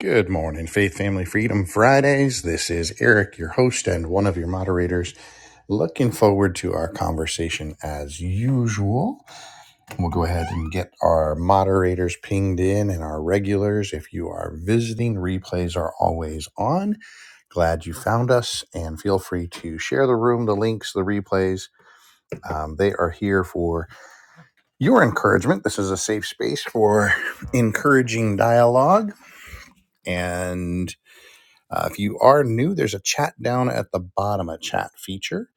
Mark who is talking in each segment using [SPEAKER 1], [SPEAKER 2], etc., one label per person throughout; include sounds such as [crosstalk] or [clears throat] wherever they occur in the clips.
[SPEAKER 1] Good morning, Faith Family Freedom Fridays. This is Eric, your host and one of your moderators. Looking forward to our conversation as usual. We'll go ahead and get our moderators pinged in and our regulars. If you are visiting, replays are always on. Glad you found us and feel free to share the room, the links, the replays. Um, they are here for your encouragement. This is a safe space for [laughs] encouraging dialogue and Uh, if you are new, there's a chat down at the bottom, a chat feature,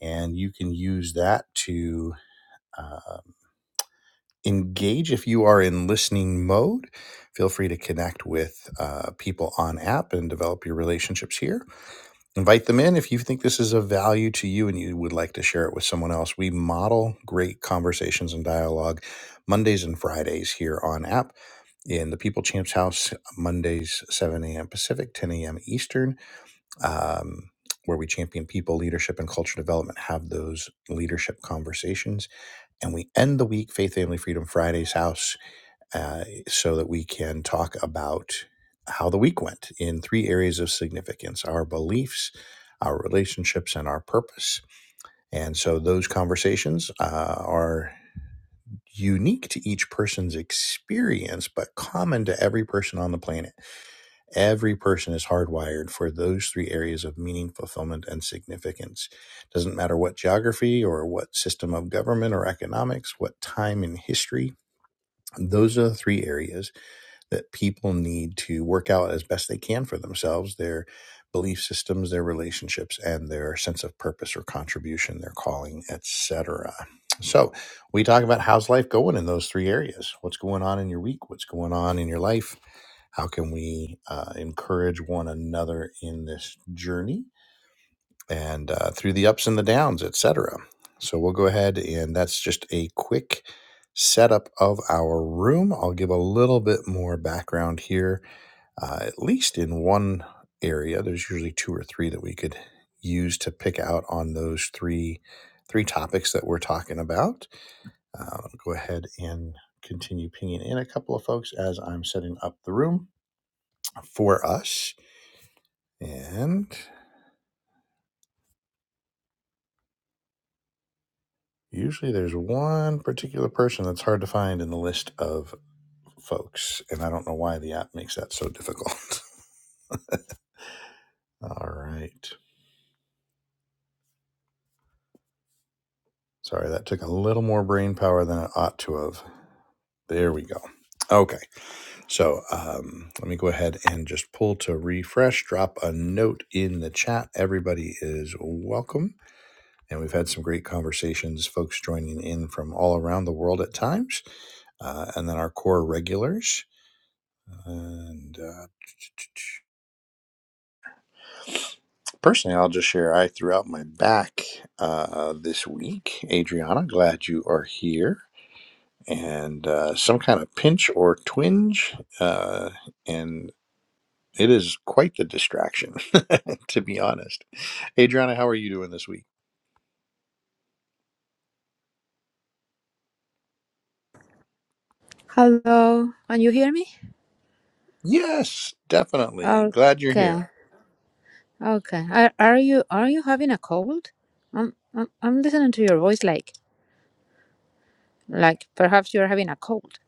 [SPEAKER 1] and you can use that to uh, engage. If you are in listening mode, feel free to connect with uh, people on app and develop your relationships here. Invite them in if you think this is of value to you and you would like to share it with someone else. We model great conversations and dialogue Mondays and Fridays here on app in the People Champs House, Mondays, 7 a.m. Pacific, 10 a.m. Eastern. um, where we champion people, leadership, and culture development, have those leadership conversations. And we end the week, Faith, Family, Freedom Friday's house, uh, so that we can talk about how the week went in three areas of significance our beliefs, our relationships, and our purpose. And so those conversations uh, are unique to each person's experience, but common to every person on the planet. Every person is hardwired for those three areas of meaning, fulfillment, and significance. Doesn't matter what geography or what system of government or economics, what time in history, those are the three areas that people need to work out as best they can for themselves their belief systems, their relationships, and their sense of purpose or contribution, their calling, etc. So, we talk about how's life going in those three areas. What's going on in your week? What's going on in your life? How can we uh, encourage one another in this journey and uh, through the ups and the downs, etc. So we'll go ahead and that's just a quick setup of our room. I'll give a little bit more background here, uh, at least in one area. There's usually two or three that we could use to pick out on those three three topics that we're talking about. Uh, go ahead and continue pinging in a couple of folks as I'm setting up the room for us. And usually there's one particular person that's hard to find in the list of folks. And I don't know why the app makes that so difficult. [laughs] All right. Sorry, that took a little more brain power than it ought to have. There we go. Okay. So um, let me go ahead and just pull to refresh, drop a note in the chat. Everybody is welcome. And we've had some great conversations, folks joining in from all around the world at times. Uh, and then our core regulars. And uh, personally, I'll just share I threw out my back uh, this week. Adriana, glad you are here. And uh, some kind of pinch or twinge. Uh, and it is quite the distraction, [laughs] to be honest. Adriana, how are you doing this week?
[SPEAKER 2] Hello, can you hear me?
[SPEAKER 1] Yes, definitely. Glad you're here.
[SPEAKER 2] Okay, okay. Are, are you are you having a cold? I'm, I'm I'm listening to your voice like like perhaps you're having a cold.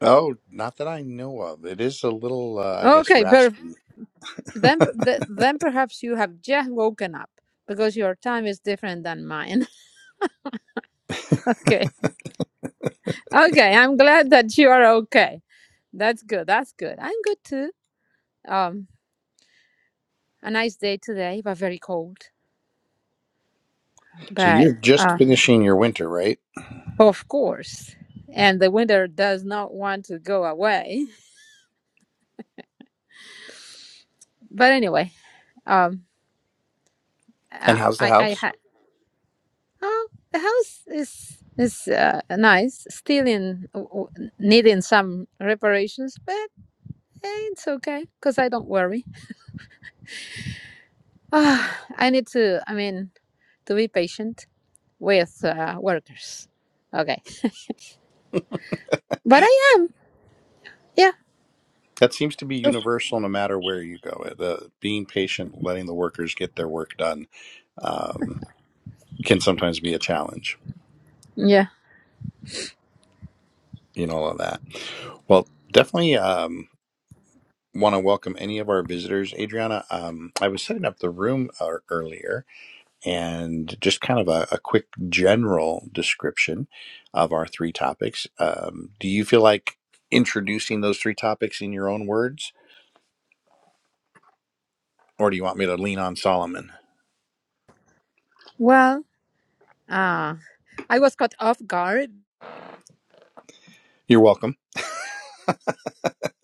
[SPEAKER 1] Oh, not that I know of. It is a little, uh, I guess,
[SPEAKER 2] Okay, per-
[SPEAKER 1] raspy.
[SPEAKER 2] then
[SPEAKER 1] [laughs]
[SPEAKER 2] p- th- then perhaps you have just woken up because your time is different than mine. [laughs] okay, okay. I'm glad that you are okay. That's good. That's good. I'm good too. Um, a nice day today, but very cold.
[SPEAKER 1] So you're
[SPEAKER 2] But
[SPEAKER 1] just
[SPEAKER 2] uh,
[SPEAKER 1] finishing your winter, right?
[SPEAKER 2] Of course. And the winter does not want to go away. But anyway, um,
[SPEAKER 1] And
[SPEAKER 2] uh,
[SPEAKER 1] how's the
[SPEAKER 2] I, I
[SPEAKER 1] house?
[SPEAKER 2] had, oh, the house is, is uh, nice, still in, w- w- needing some reparations, but eh, it's okay because I don't worry. Ah, I need to, I mean, to be patient with uh, workers. Okay. But I am. Yeah.
[SPEAKER 1] That seems to be universal no matter where you go. eh, The being patient, letting the workers get their work done, um, can sometimes be a challenge
[SPEAKER 2] Yeah.
[SPEAKER 1] in all of that. Well, definitely um, want to welcome any of our visitors. Adriana, um, I was setting up the room uh, earlier and just kind of a, a quick general description of our three topics. Um, do you feel like introducing those three topics in your own words, or do you want me to lean on Solomon?
[SPEAKER 2] Well, uh, I was caught off guard.
[SPEAKER 1] You're welcome.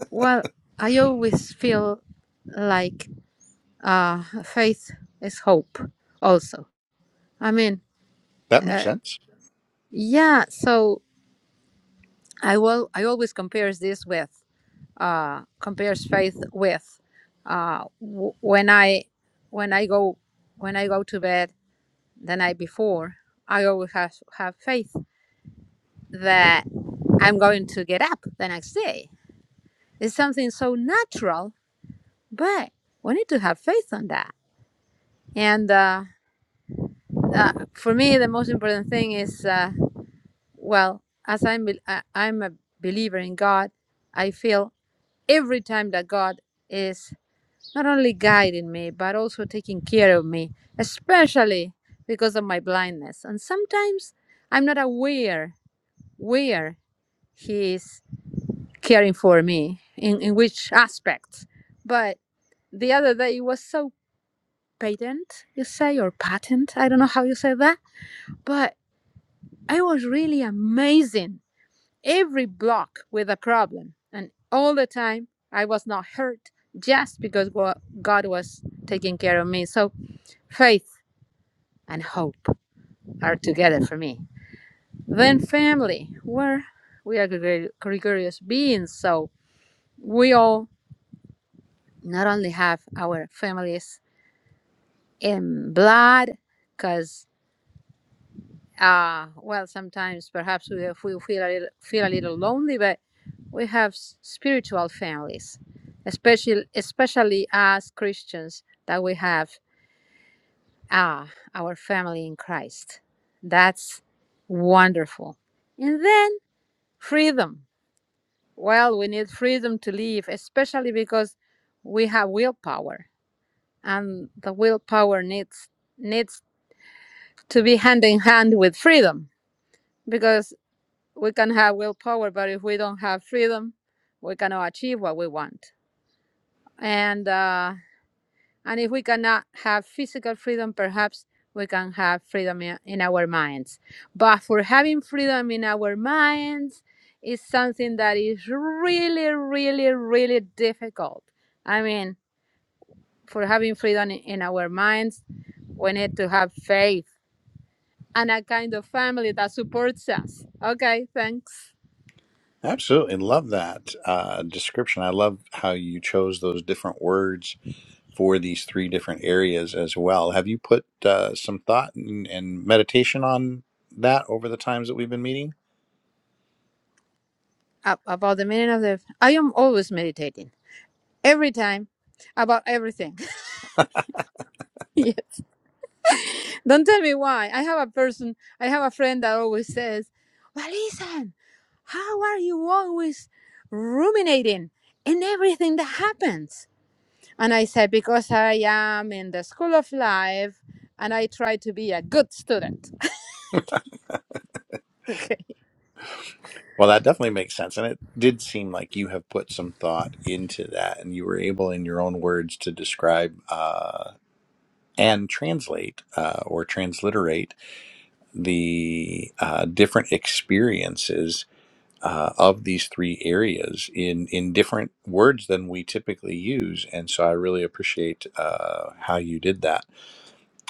[SPEAKER 2] Well, I always feel. like uh faith is hope also i mean
[SPEAKER 1] That makes
[SPEAKER 2] uh,
[SPEAKER 1] sense.
[SPEAKER 2] yeah so i will i always compares this with uh compares faith with uh w- when i when i go when i go to bed the night before i always have have faith that i'm going to get up the next day it's something so natural but we need to have faith on that and uh, uh, for me the most important thing is uh, Well, as I'm bel- I- I'm a believer in God, I feel every time that God is not only guiding me but also taking care of me, especially because of my blindness. And sometimes I'm not aware where He is caring for me in, in which aspects. But the other day it was so patent, you say, or patent. I don't know how you say that, but I was really amazing every block with a problem. And all the time, I was not hurt just because God was taking care of me. So faith and hope are together for me. Then family, where we are gregari- gregarious beings. So we all not only have our families in blood, because Uh, well, sometimes perhaps we, we feel, a little, feel a little lonely, but we have s- spiritual families, especially, especially as Christians, that we have ah, our family in Christ. That's wonderful. And then freedom. Well, we need freedom to live, especially because we have willpower, and the willpower needs needs to be hand in hand with freedom because we can have willpower, but if we don't have freedom, we cannot achieve what we want. And uh, and if we cannot have physical freedom, perhaps we can have freedom in, in our minds. But for having freedom in our minds is something that is really, really, really difficult. I mean, for having freedom in in our minds, we need to have faith and a kind of family that supports us. Okay, thanks.
[SPEAKER 1] Absolutely. Love that uh, description. I love how you chose those different words for these three different areas as well. Have you put uh, some thought and, and meditation on that over the times that we've been meeting?
[SPEAKER 2] ab- about the meaning of the i am always meditating every time about everything [laughs] Yeah. don't tell me why i have a person i have a friend that always says well listen how are you always ruminating in everything that happens and i said because i am in the school of life and i try to be a good student [laughs] okay
[SPEAKER 1] Well, that definitely makes sense. And it did seem like you have put some thought into that and you were able, in your own words, to describe uh, and translate uh, or transliterate the uh, different experiences uh, of these three areas in in different words than we typically use, and so I really appreciate uh, how you did that.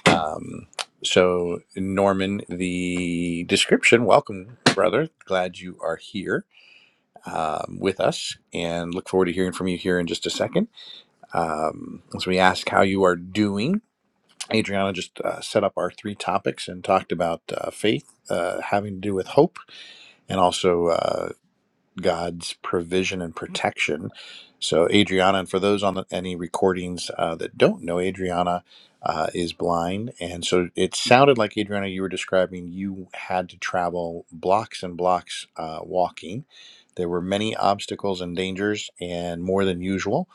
[SPEAKER 1] Um, so, Norman, the description. Welcome, brother. Glad you are here um, with us, and look forward to hearing from you here in just a second. Um, as we ask how you are doing, Adriana just uh, set up our three topics and talked about uh, faith uh, having to do with hope, and also. uh, God's provision and protection. So, Adriana, and for those on the, any recordings uh, that don't know, Adriana uh, is blind. And so it sounded like, Adriana, you were describing you had to travel blocks and blocks uh, walking. There were many obstacles and dangers, and more than usual.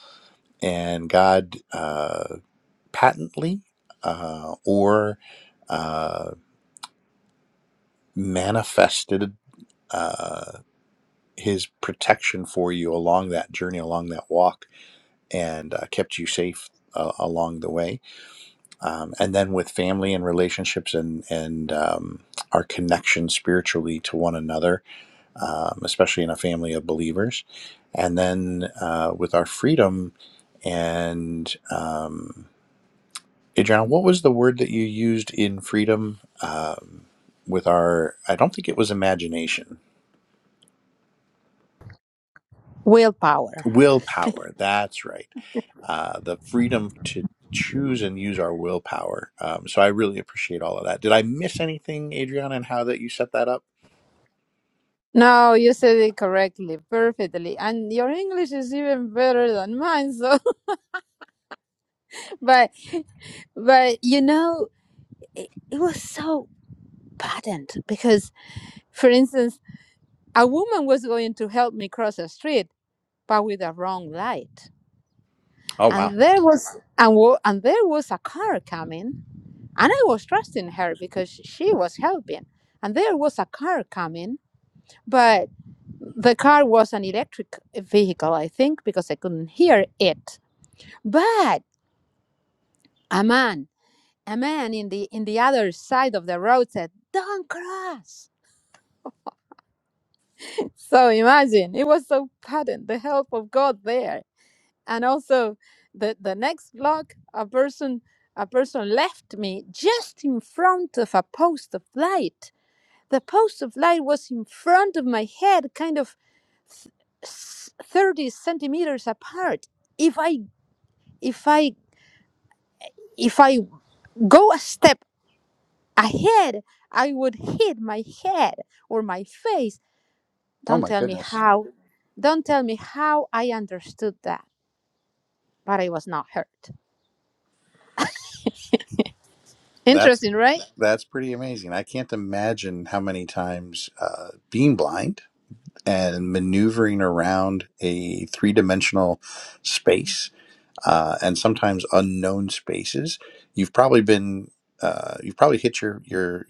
[SPEAKER 1] And God uh, patently uh, or uh, manifested. Uh, his protection for you along that journey, along that walk, and uh, kept you safe uh, along the way. Um, and then with family and relationships and and um, our connection spiritually to one another, um, especially in a family of believers, and then uh, with our freedom and. Um, Adriana, what was the word that you used in freedom um, with our? I don't think it was imagination
[SPEAKER 2] willpower
[SPEAKER 1] willpower that's right uh, the freedom to choose and use our willpower um, so i really appreciate all of that did i miss anything adriana and how that you set that up
[SPEAKER 2] no you said it correctly perfectly and your english is even better than mine so [laughs] but But you know, it, it was so patent because, for instance, a woman was going to help me cross the street, but with a wrong light,
[SPEAKER 1] Oh wow.
[SPEAKER 2] and there was and wa- and there was a car coming, and I was trusting her because she was helping, and there was a car coming, but the car was an electric vehicle, I think, because I couldn't hear it, but a man. A man in the in the other side of the road said, "Don't cross." So imagine it was so patent the help of God there, and also the the next block a person a person left me just in front of a post of light. The post of light was in front of my head, kind of th- s- thirty centimeters apart. If I if I if I go a step ahead, I would hit my head or my face.
[SPEAKER 1] Oh
[SPEAKER 2] Don't
[SPEAKER 1] my
[SPEAKER 2] tell me
[SPEAKER 1] goodness.
[SPEAKER 2] how. Don't tell me how I understood that but I was not hurt.
[SPEAKER 1] that's
[SPEAKER 2] Interesting, right?
[SPEAKER 1] that's pretty amazing i can't imagine how many times uh, being blind and maneuvering around a three-dimensional space uh, and sometimes unknown spaces you've probably been uh, you've probably hit your your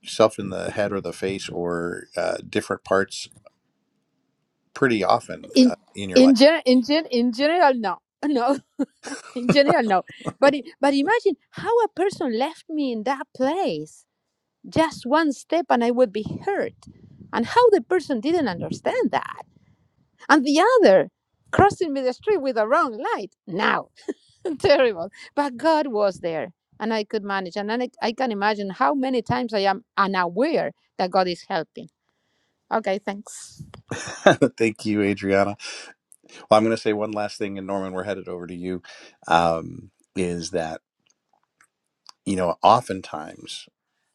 [SPEAKER 1] yourself in the head or the face or uh, different parts pretty often
[SPEAKER 2] In
[SPEAKER 1] uh, in your
[SPEAKER 2] in
[SPEAKER 1] life.
[SPEAKER 2] gen, in gen, in general, no, [laughs] no. In general, no. But i- but imagine how a person left me in that place, just one step, and I would be hurt, and how the person didn't understand that, and the other crossing me the street with a wrong light. Now, [laughs] terrible. But God was there. And I could manage, and then I, I can imagine how many times I am unaware that God is helping. Okay, thanks.
[SPEAKER 1] [laughs] Thank you, Adriana. Well, I'm going to say one last thing, and Norman, we're headed over to you. Um, is that, you know, oftentimes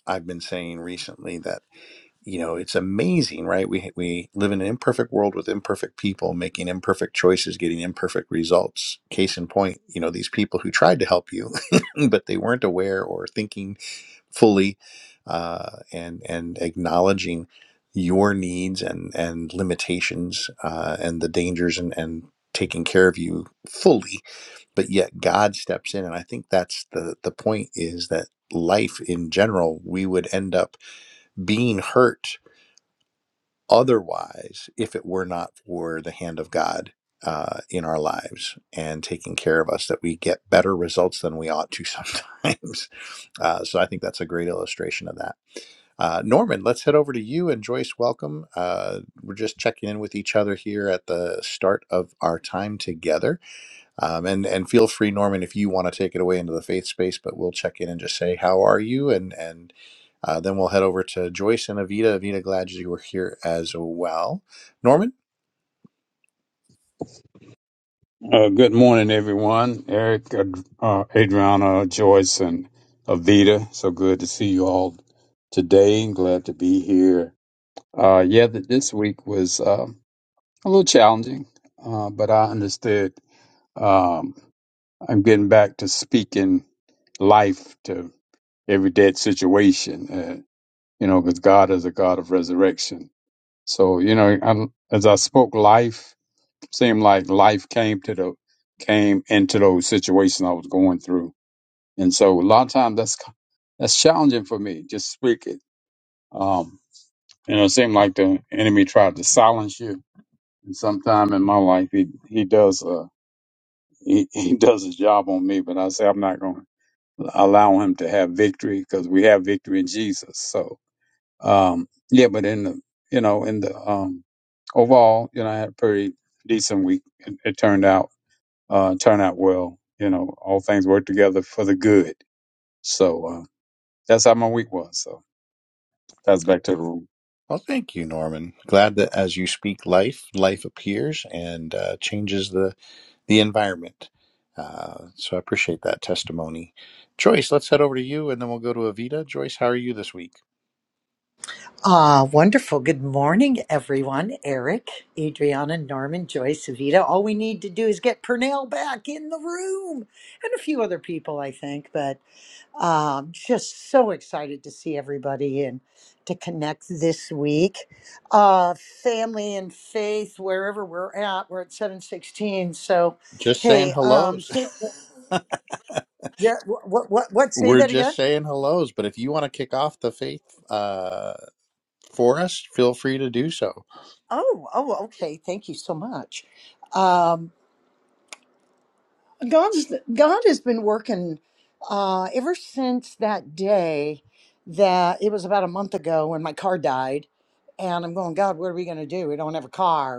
[SPEAKER 1] I've been saying recently that, you know, it's amazing, right? We, we live in an imperfect world with imperfect people making imperfect choices, getting imperfect results. Case in point, you know, these people who tried to help you, [laughs] but they weren't aware or thinking fully uh, and and acknowledging your needs and and limitations uh, and the dangers and and taking care of you fully but yet god steps in and i think that's the the point is that life in general we would end up being hurt otherwise if it were not for the hand of god uh, in our lives and taking care of us that we get better results than we ought to sometimes [laughs] uh, so i think that's a great illustration of that uh, Norman, let's head over to you and Joyce. Welcome. Uh, we're just checking in with each other here at the start of our time together. Um, and and feel free, Norman, if you want to take it away into the faith space. But we'll check in and just say how are you, and and uh, then we'll head over to Joyce and Avita. Avita, glad you were here as well. Norman.
[SPEAKER 3] Uh, good morning, everyone. Eric, uh, Adriana, Joyce, and Avita. So good to see you all today. Glad to be here. Uh, yeah, th- this week was um a little challenging, uh, but I understood. Um, I'm getting back to speaking life to every dead situation, uh, you know, because God is a God of resurrection. So, you know, I, as I spoke life Seemed like life came to the came into those situations I was going through, and so a lot of times that's that's challenging for me. Just speak it. Um, you know, it seemed like the enemy tried to silence you, and sometime in my life he he does uh he, [laughs] he does his job on me, but I say I'm not going to allow him to have victory because we have victory in Jesus. So um, yeah, but in the you know in the um, overall, you know, I had a pretty decent week. It, it turned out. uh, turn out well. You know, all things work together for the good. So uh, that's how my week was. So that's back to the room.
[SPEAKER 1] Well, thank you, Norman. Glad that as you speak life, life appears and uh, changes the, the environment. Uh, so I appreciate that testimony. Joyce, let's head over to you and then we'll go to Avita. Joyce, how are you this week?
[SPEAKER 4] Ah, wonderful. Good morning, everyone. Eric, Adriana, Norman, Joyce, Evita. All we need to do is get Pernell back in the room and a few other people, I think. But um, just so excited to see everybody and to connect this week. Uh, family and faith, wherever we're at, we're at 716. So,
[SPEAKER 1] Just saying
[SPEAKER 4] hey, um,
[SPEAKER 1] hellos.
[SPEAKER 4] think,
[SPEAKER 1] [laughs]
[SPEAKER 4] yeah, what, what, what, what, say
[SPEAKER 1] We're
[SPEAKER 4] that again?
[SPEAKER 1] just saying hellos, but if you want to kick off the faith uh, for us, feel free to do so.
[SPEAKER 4] Oh, oh, okay. Thank you so much. Um, God's God has been working uh, ever since that day that it was about a month ago when my car died, and I'm going, God, what are we going to do? We don't have a car,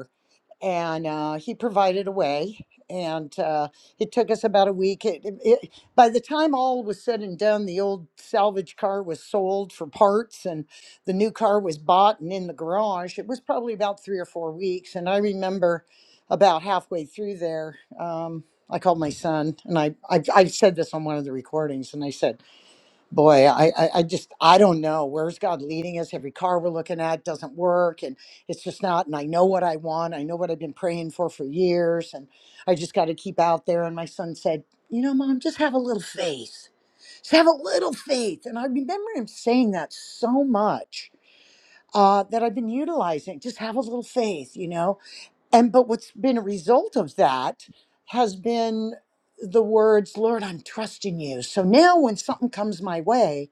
[SPEAKER 4] and uh, he provided a way. And uh, it took us about a week. It, it, it- by the time all was said and done, the old salvage car was sold for parts, and the new car was bought and in the garage. It was probably about three or four weeks. And I remember about halfway through there, um, I called my son, and I, I I've said this on one of the recordings, and I said boy I, I i just i don't know where's god leading us every car we're looking at doesn't work and it's just not and i know what i want i know what i've been praying for for years and i just got to keep out there and my son said you know mom just have a little faith just have a little faith and i remember him saying that so much uh, that i've been utilizing just have a little faith you know and but what's been a result of that has been the words lord i'm trusting you so now when something comes my way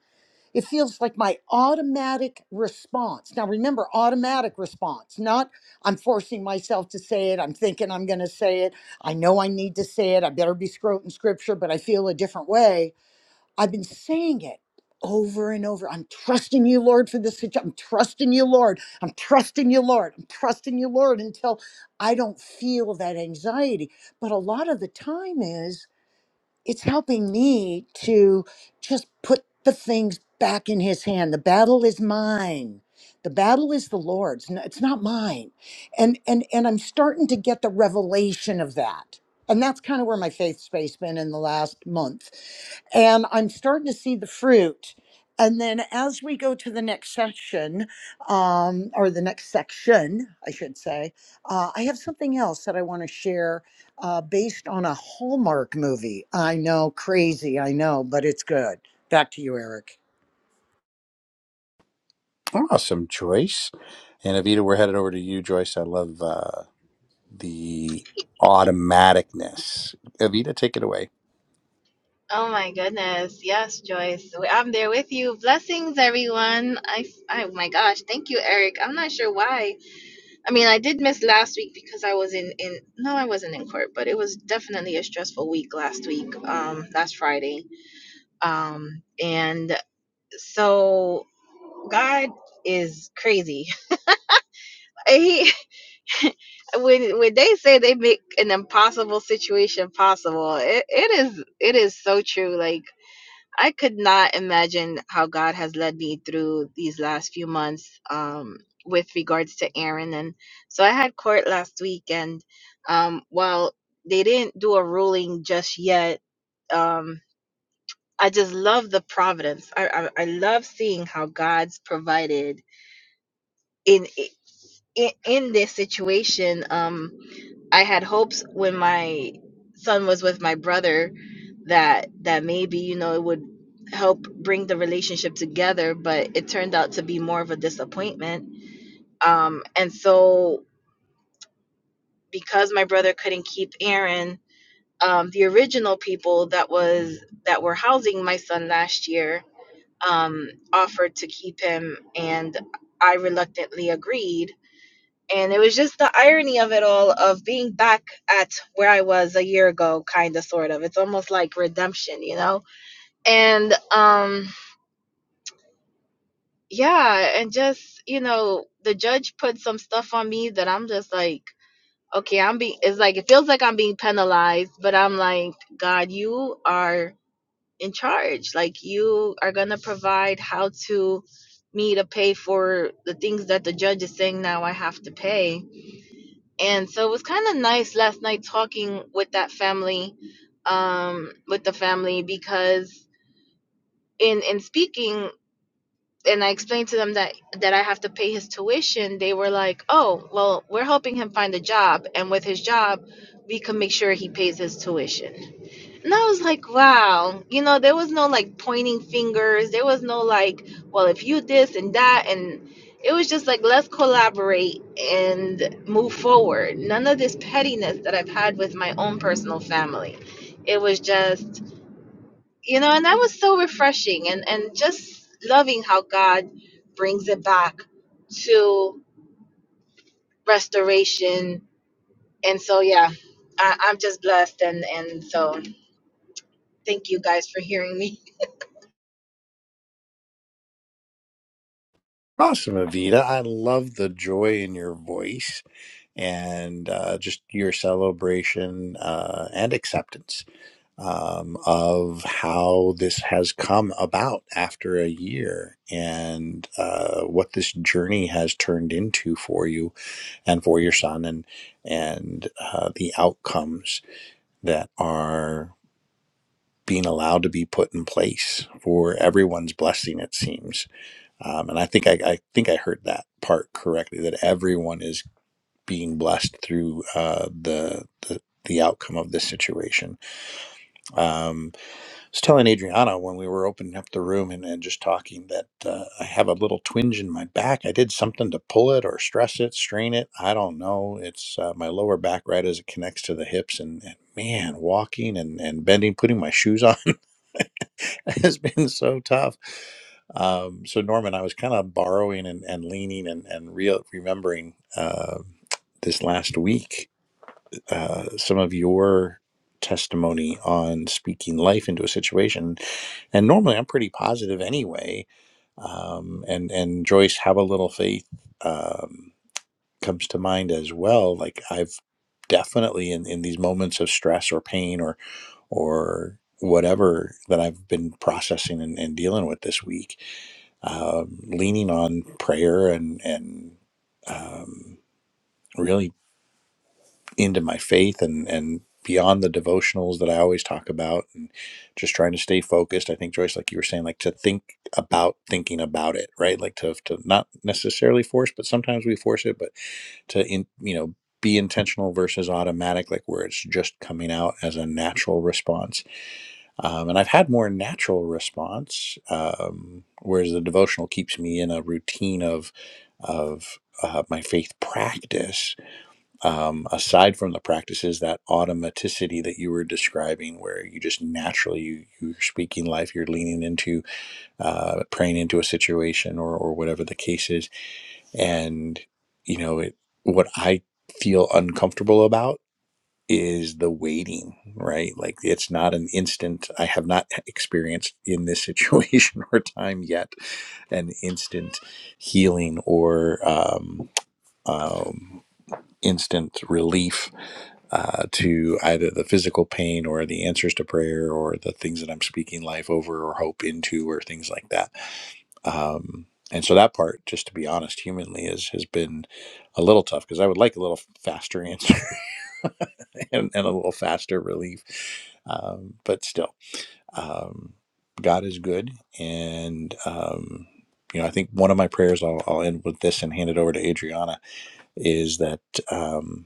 [SPEAKER 4] it feels like my automatic response. Now, remember, automatic response, not I'm forcing myself to say it. I'm thinking I'm going to say it. I know I need to say it. I better be scroting scripture, but I feel a different way. I've been saying it over and over. I'm trusting you, Lord, for this situation. I'm trusting you, Lord. I'm trusting you, Lord. I'm trusting you, Lord, until I don't feel that anxiety. But a lot of the time is, it's helping me to just put the things back in his hand the battle is mine the battle is the lord's n- it's not mine and and and i'm starting to get the revelation of that and that's kind of where my faith space been in the last month and i'm starting to see the fruit and then as we go to the next section um, or the next section i should say uh, i have something else that i want to share uh, based on a Hallmark movie. I know, crazy, I know, but it's good. Back to you, Eric.
[SPEAKER 1] Awesome, Joyce. And Avita, we're headed over to you, Joyce. I love uh, the automaticness. Avita, take it away.
[SPEAKER 5] Oh my goodness. Yes, Joyce. We- I'm there with you. Blessings, everyone. I, oh my gosh. Thank you, Eric. I'm not sure why. I mean, I did miss last week because I was in, in, no, I wasn't in court, but it was definitely a stressful week last week, um, last Friday. Um, and so God is crazy. [laughs] He, when, when they say they make an impossible situation possible, it, it is, it is so true. Like, I could not imagine how God has led me through these last few months um, with regards to Aaron. And so I had court last week, and um, while they didn't do a ruling just yet, um, I just love the providence. I, I, I love seeing how God's provided in in, in this situation. Um, I had hopes when my son was with my brother that that maybe you know it would help bring the relationship together, but it turned out to be more of a disappointment. Um, and so because my brother couldn't keep Aaron, um, the original people that was that were housing my son last year um, offered to keep him, and I reluctantly agreed and it was just the irony of it all of being back at where i was a year ago kind of sort of it's almost like redemption you know and um yeah and just you know the judge put some stuff on me that i'm just like okay i'm being it's like it feels like i'm being penalized but i'm like god you are in charge like you are gonna provide how to me to pay for the things that the judge is saying now i have to pay and so it was kind of nice last night talking with that family um with the family because in in speaking and I explained to them that that I have to pay his tuition they were like oh well we're helping him find a job and with his job we can make sure he pays his tuition and I was like, wow, you know, there was no like pointing fingers. There was no like, well, if you this and that. And it was just like, let's collaborate and move forward. None of this pettiness that I've had with my own personal family. It was just, you know, and that was so refreshing and, and just loving how God brings it back to restoration. And so, yeah, I, I'm just blessed. And, and so thank you guys for hearing me.
[SPEAKER 1] Awesome, Avita. I love the joy in your voice and uh, just your celebration uh, and acceptance um, of how this has come about after a year and uh, what this journey has turned into for you and for your son and and uh, the outcomes that are being allowed to be put in place for everyone's blessing, it seems um, and I think I, I think I heard that part correctly that everyone is being blessed through uh, the, the the outcome of this situation. Um, was telling Adriana when we were opening up the room and, and just talking that uh, I have a little twinge in my back. I did something to pull it or stress it, strain it. I don't know. It's uh, my lower back right as it connects to the hips. And, and man, walking and, and bending, putting my shoes on [laughs] has been so tough. Um, so, Norman, I was kind of borrowing and, and leaning and, and real remembering uh, this last week uh, some of your testimony on speaking life into a situation. And normally, I'm pretty positive anyway. Um, and and Joyce, have a little faith um, comes to mind as well. Like I've definitely in, in these moments of stress or pain or or whatever that I've been processing and, and dealing with this week, um, leaning on prayer and and um, really into my faith and and beyond the devotionals that I always talk about and just trying to stay focused. I think Joyce, like you were saying, like to think about thinking about it, right? Like to to not necessarily force, but sometimes we force it, but to in you know be intentional versus automatic, like where it's just coming out as a natural response. Um, and I've had more natural response, um, whereas the devotional keeps me in a routine of of uh, my faith practice um, aside from the practices, that automaticity that you were describing, where you just naturally you, you're speaking life, you're leaning into uh, praying into a situation or or whatever the case is, and you know it. What I feel uncomfortable about is the waiting, right? Like it's not an instant. I have not e-, experienced in this situation [laughs] or time yet an instant healing or um, um, instant relief uh, to either the physical pain or the answers to prayer or the things that I'm speaking life over or hope into or things like that. Um, and so that part, just to be honest, humanly, is has been a little tough because I would like a little faster answer [laughs] and, and a little faster relief. Um, but still, um, God is good, and um, you know I think one of my prayers I'll, I'll end with this and hand it over to Adriana is that. um,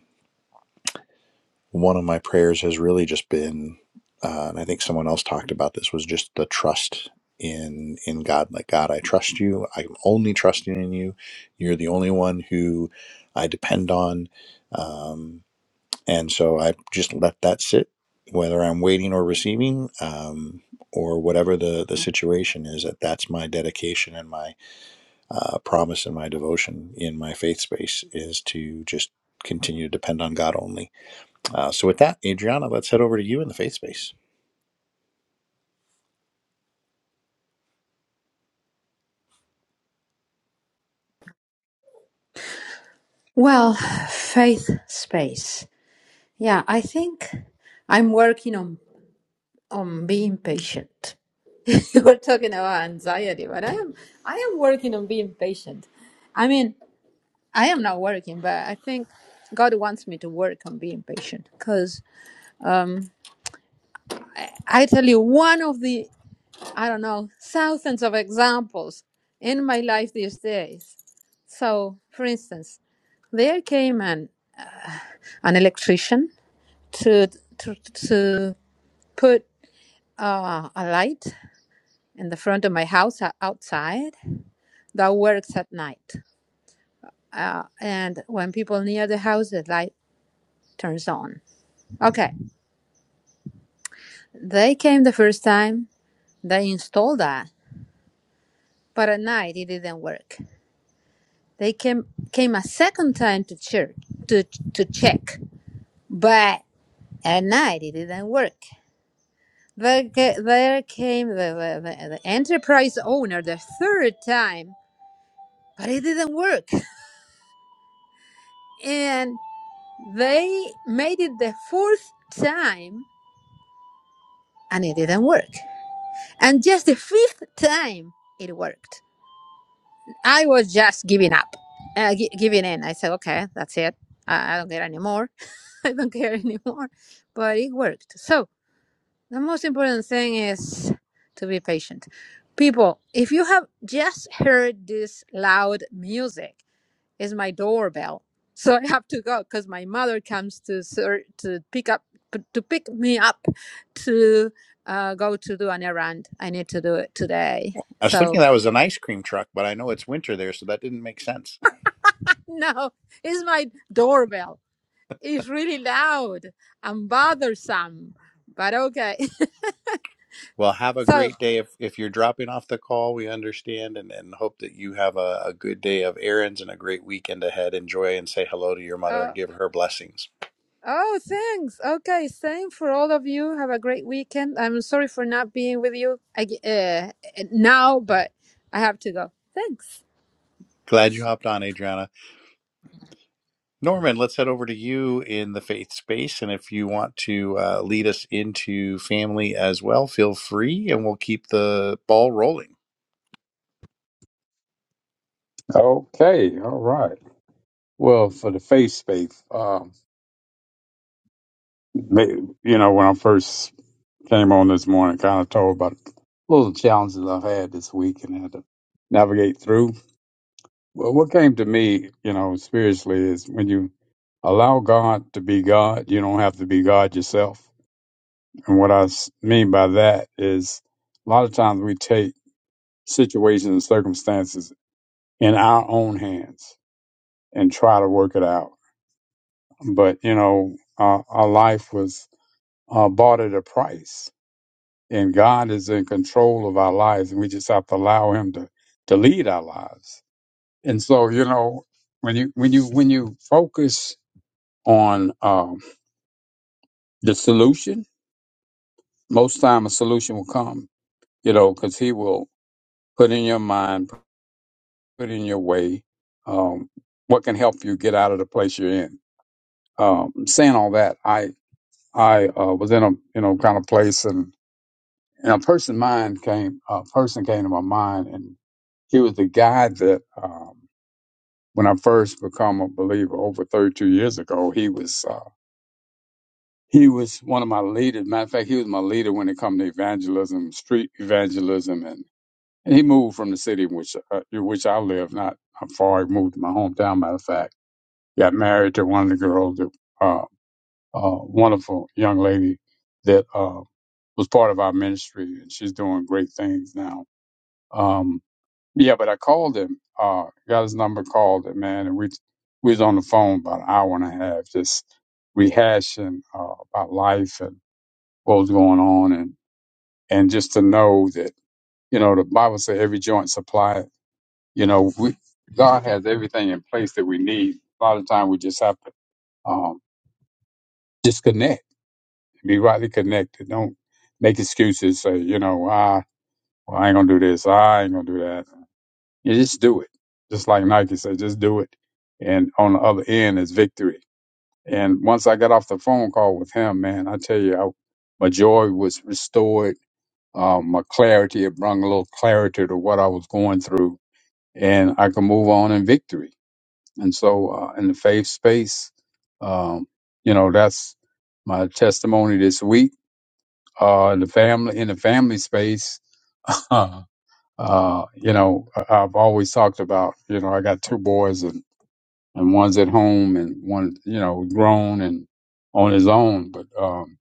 [SPEAKER 1] one of my prayers has really just been, uh, and I think someone else talked about this, was just the trust in in God. Like God, I trust you. I'm only trusting in you. You're the only one who I depend on, um, and so I just let that sit, whether I'm waiting or receiving. Um, or whatever the, the situation is, that that's my dedication and my uh, promise and my devotion in my faith space is to just continue to depend on God only uh, so with that, Adriana, let's head over to you in the faith space.
[SPEAKER 2] Well, faith space. Yeah, I think I'm working on on being patient. [laughs] you were talking about anxiety, but I am I am working on being patient. I mean, I am not working, but I think God wants me to work on being patient because um, I tell you one of the I don't know thousands of examples in my life these days. So, for instance, there came an an electrician to to to put uh, a light in the front of my house uh, outside that works at night. Uh, and when people near the house, the light turns on. Okay, they came the first time. They installed that, but at night it didn't work. They came came a second time to check to to check, but at night it didn't work. There, there came the, the, the enterprise owner the third time, but it didn't work and. They made it the fourth time and it didn't work. And just the fifth time it worked. I was just giving up, uh, gi- giving in. I said, okay, that's it. I, I don't care anymore. [laughs] I don't care anymore. But it worked. So the most important thing is to be patient. People, if you have just heard this loud music, is my doorbell. [laughs] So I have to go because my mother comes to ser- to pick up to pick me up to uh, go to do an errand. I need to do it today.
[SPEAKER 1] I was thinking
[SPEAKER 2] So
[SPEAKER 1] that was an ice cream truck, but I know it's winter there, so that didn't make sense. [laughs]
[SPEAKER 2] [laughs] no, it's my doorbell. It's really loud and bothersome, but okay.
[SPEAKER 1] Well, have
[SPEAKER 2] [laughs]
[SPEAKER 1] a
[SPEAKER 2] So
[SPEAKER 1] great day. If, if you're dropping off the call, we understand and, and hope that you have a, a good day of errands and a great weekend ahead. Enjoy and say hello to your mother and
[SPEAKER 2] uh,
[SPEAKER 1] give her blessings.
[SPEAKER 2] oh, thanks. Okay, same for all of you. Have a great weekend. I'm sorry for not being with you ag- uh, now, but I have to go. Thanks.
[SPEAKER 1] Glad you hopped on, Adriana. Norman, let's head over to you in the faith space. And if you want to uh, lead us into family as well, feel free and we'll keep the ball rolling.
[SPEAKER 3] Okay, all right. Well, for the faith space, um, they- you know, when I first came on this morning, kind of told about little challenges I've had this week and had to navigate through. Well, what came to me, you know, spiritually is when you allow God to be God, you don't have to be God yourself. And what I s- mean by that is a lot of times we take situations and circumstances in our own hands and try to work it out. But, you know, our, our life was uh, bought at a price, and God is in control of our lives, and we just have to allow Him to, to lead our lives. And so, you know, when you when you when you focus on um, the solution, most time a solution will come, you know, because He will put in your mind, put in your way um, what can help you get out of the place you're in Um, saying all that, I I uh, was in a you know kind of place, and and a person mind came a person came to my mind, and he was the guy that um, when I first become a believer over 32 years ago, he was uh, he was one of my leaders. Matter of fact, he was my leader when it come to evangelism, street evangelism, and, and he moved from the city in which uh, in which I live, not not far. He moved to my hometown. Matter of fact, got married to one of the girls that. uh, uh, wonderful young lady that uh, was part of our ministry, and she's doing great things now. Um, yeah, but I called him, uh, got his number, called him, man, and we we was on the phone about an hour and a half, just rehashing uh, about life and what was going on, and and just to know that you know the Bible says every joint supply, you know, we, God has everything in place that we need. A lot of time we just have to um, disconnect Be rightly connected. Don't make excuses. Say, you know, ah, well, I ain't gonna do this. I ain't gonna do that. You just do it. Just like Nike said, just do it. And on the other end is victory. And once I got off the phone call with him, man, I tell you, I, my joy was restored. Um, my clarity, it brought a little clarity to what I was going through, and I could move on in victory. And so, uh, in the faith space, um, you know, that's my testimony this week uh, in the family in the family space. [laughs] uh, you know, I- I've always talked about you know I got two boys and and one's at home and one you know grown and on his own. But um,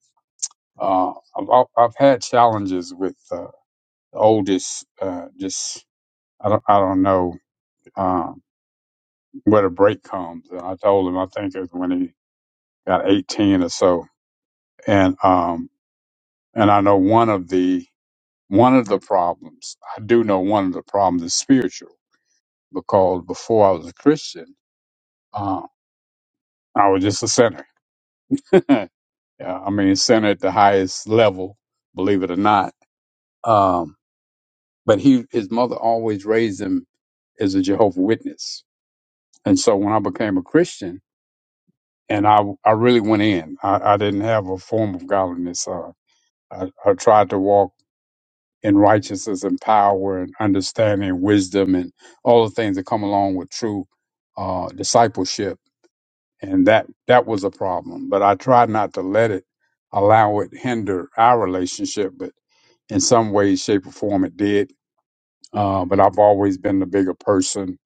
[SPEAKER 3] uh, I've al- I've had challenges with uh, the oldest. Uh, just I don't I don't know um, where the break comes. And I told him I think it was when he got 18 or so, and um, and I know one of the One of the problems, I do know one of the problems is spiritual because before I was a Christian, uh, I was just a sinner. [laughs] yeah, I mean, sinner at the highest level, believe it or not. Um, but he, his mother always raised him as a Jehovah Witness. And so when I became a Christian, and I, I really went in, I, I didn't have a form of godliness. Uh, I, I tried to walk in righteousness and power and understanding, wisdom, and all the things that come along with true uh, discipleship. And that that was a problem. But I tried not to let it allow it hinder our relationship, but in some way, shape, or form, it did. Uh, but I've always been the bigger person,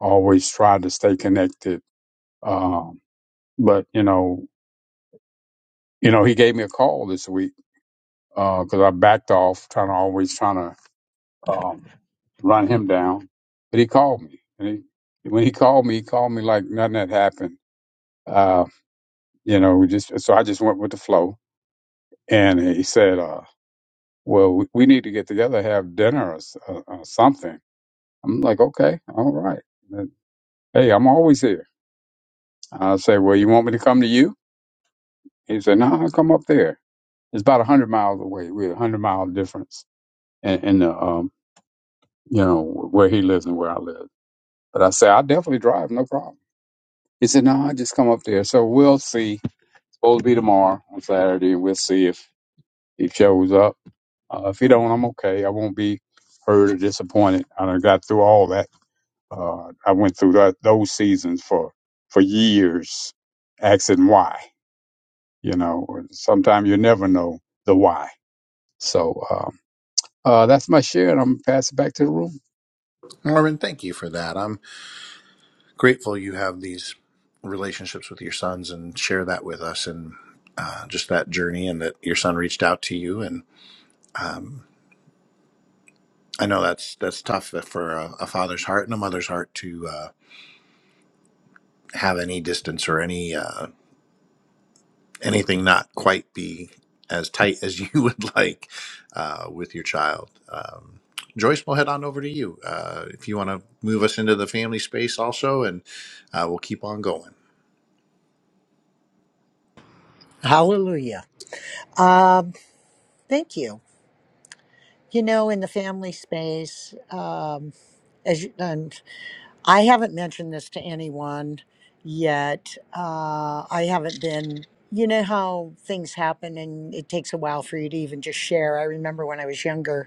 [SPEAKER 3] always tried to stay connected. Um, but you know, you know, he gave me a call this week because I backed off, trying to always trying to. run him down. But he called me. And he, when he called me, he called me like nothing had happened. Uh, you know, we just so I just went with the flow. And he said, uh, "Well, we, we need to get together, have dinner or, s- or, or something." I'm like, "Okay, all right. And, hey, I'm always here." I say, "Well, you want me to come to you?" He said, "No, I'll come up there. It's about a hundred miles away. We're a hundred mile difference in, in the um, you know, where he lives and where I live." But I say, "I definitely drive, no problem." He said, "No, I just come up there." So we'll see. It's supposed to be tomorrow on Saturday, and we'll see if he shows up. Uh, if he don't, I'm okay. I won't be hurt or disappointed. I done got through all that. Uh, I went through that, those seasons for for years, asking why. You know, sometimes you never know the why. So. Um, Uh, that's my share, and I'm gonna pass it back to the room.
[SPEAKER 1] Norman, thank you for that. I'm. grateful you have these relationships with your sons and share that with us and uh, just that journey and that your son reached out to you and um, I know that's that's tough for a, a father's heart and a mother's heart to uh, have any distance or any uh, anything not quite be as tight as you [laughs] would like uh, with your child. Um, Joyce, we'll head on over to you uh, if you want to move us into the family space also, and uh, we'll keep on going.
[SPEAKER 4] Hallelujah. Um, thank you. You know, in the family space, um, as you, and I haven't mentioned this to anyone yet. Uh, I haven't been. You know how things happen, and it takes a while for you to even just share. I remember when I was younger,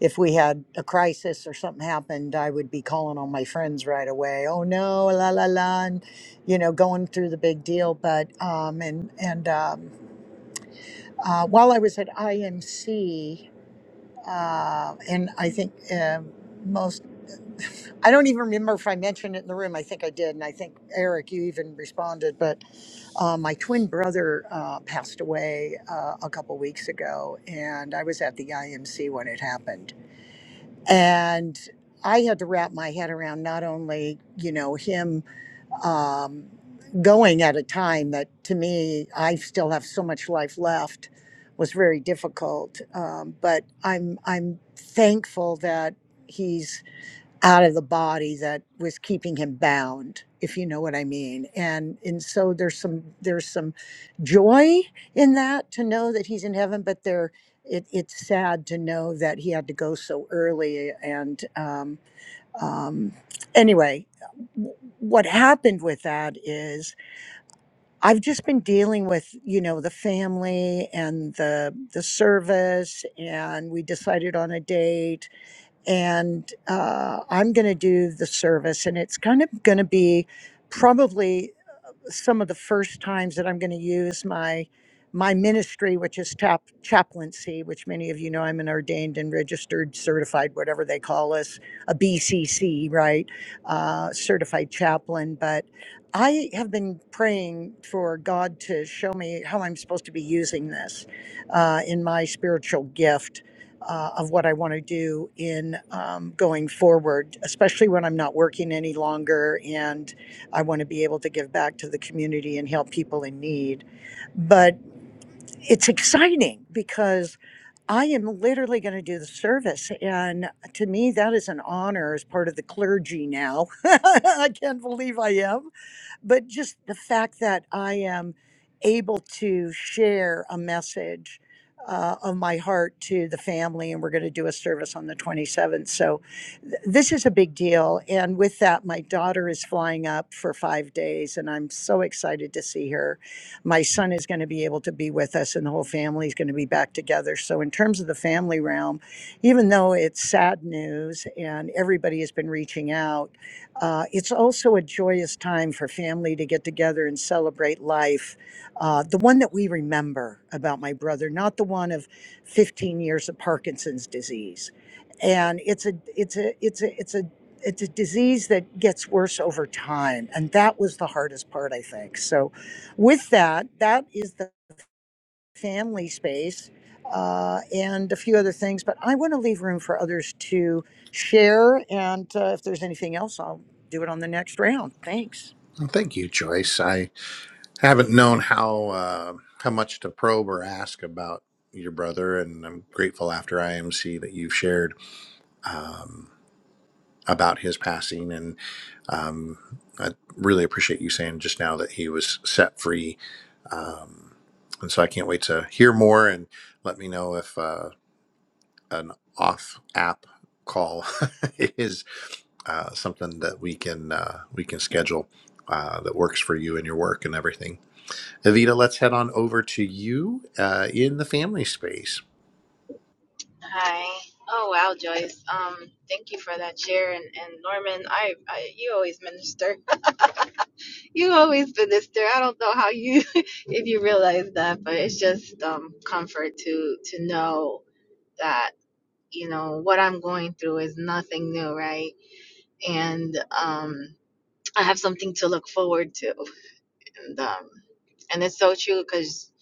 [SPEAKER 4] if we had a crisis or something happened, I would be calling on my friends right away. Oh no, la la la, and you know, going through the big deal. But um, and and um, uh, while I was at IMC, uh, and I think uh, most, I don't even remember if I mentioned it in the room. I think I did, and I think Eric, you even responded. But uh, my twin brother uh, passed away uh, a couple weeks ago, and I was at the IMC when it happened and I had to wrap my head around not only you know him um, going at a time that to me I still have so much life left was very difficult, um, but I'm I'm thankful that he's out of the body that was keeping him bound if you know what i mean and and so there's some there's some joy in that to know that he's in heaven but there it, it's sad to know that he had to go so early and um, um, anyway w- what happened with that is i've just been dealing with you know the family and the the service and we decided on a date and uh, I'm going to do the service, and it's kind of going to be probably some of the first times that I'm going to use my my ministry, which is chap, chaplaincy, which many of you know, I'm an ordained and registered, certified, whatever they call us, a BCC, right? Uh, certified chaplain. But I have been praying for God to show me how I'm supposed to be using this uh, in my spiritual gift. Uh, of what I want to do in um, going forward, especially when I'm not working any longer and. I want to be able to give back to the community and help people in need. But it's exciting because I am literally going to do the service. And to me, that is an honor as part of the clergy now. [laughs] I can't believe I am but just the fact that I am able to share a message uh, of my heart to the family, and we're going to do a service on the 27th. So, th- this is a big deal. And with that, my daughter is flying up for five days, and I'm so excited to see her. My son is going to be able to be with us, and the whole family is going to be back together. So, in terms of the family realm, even though it's sad news and everybody has been reaching out, uh, it's also a joyous time for family to get together and celebrate life. Uh, the one that we remember about my brother, not the one of 15 years of Parkinson's disease. And it's a, it's a, it's a, it's a, it's a disease that gets worse over time. And that was the hardest part, I think. So, with that, that is the family space uh, and a few other things, but I want to leave room for others to share. And uh, if there's anything else, I'll do it on the next round. Thanks.
[SPEAKER 1] Well, thank you, Joyce. I I haven't known how uh, how much to probe or ask about your brother, and I'm grateful after IMC that you've shared um, about his passing, and um, I really appreciate you saying just now that he was set free. Um, and so I can't wait to hear more, and let me know if uh, an off app call [laughs] is uh, something that we can uh, we can schedule uh, that works for you and your work and everything. Evita, let's head on over to you uh, in the family space.
[SPEAKER 5] Hi. Oh wow, Joyce. Um, thank you for that share, and, and Norman, I, I, you always minister. [laughs] You always minister. I don't know how you, [laughs] if you realize that, but it's just um comfort to to know that you know what I'm going through is nothing new, right? And um, I have something to look forward to, and um, and it's so true because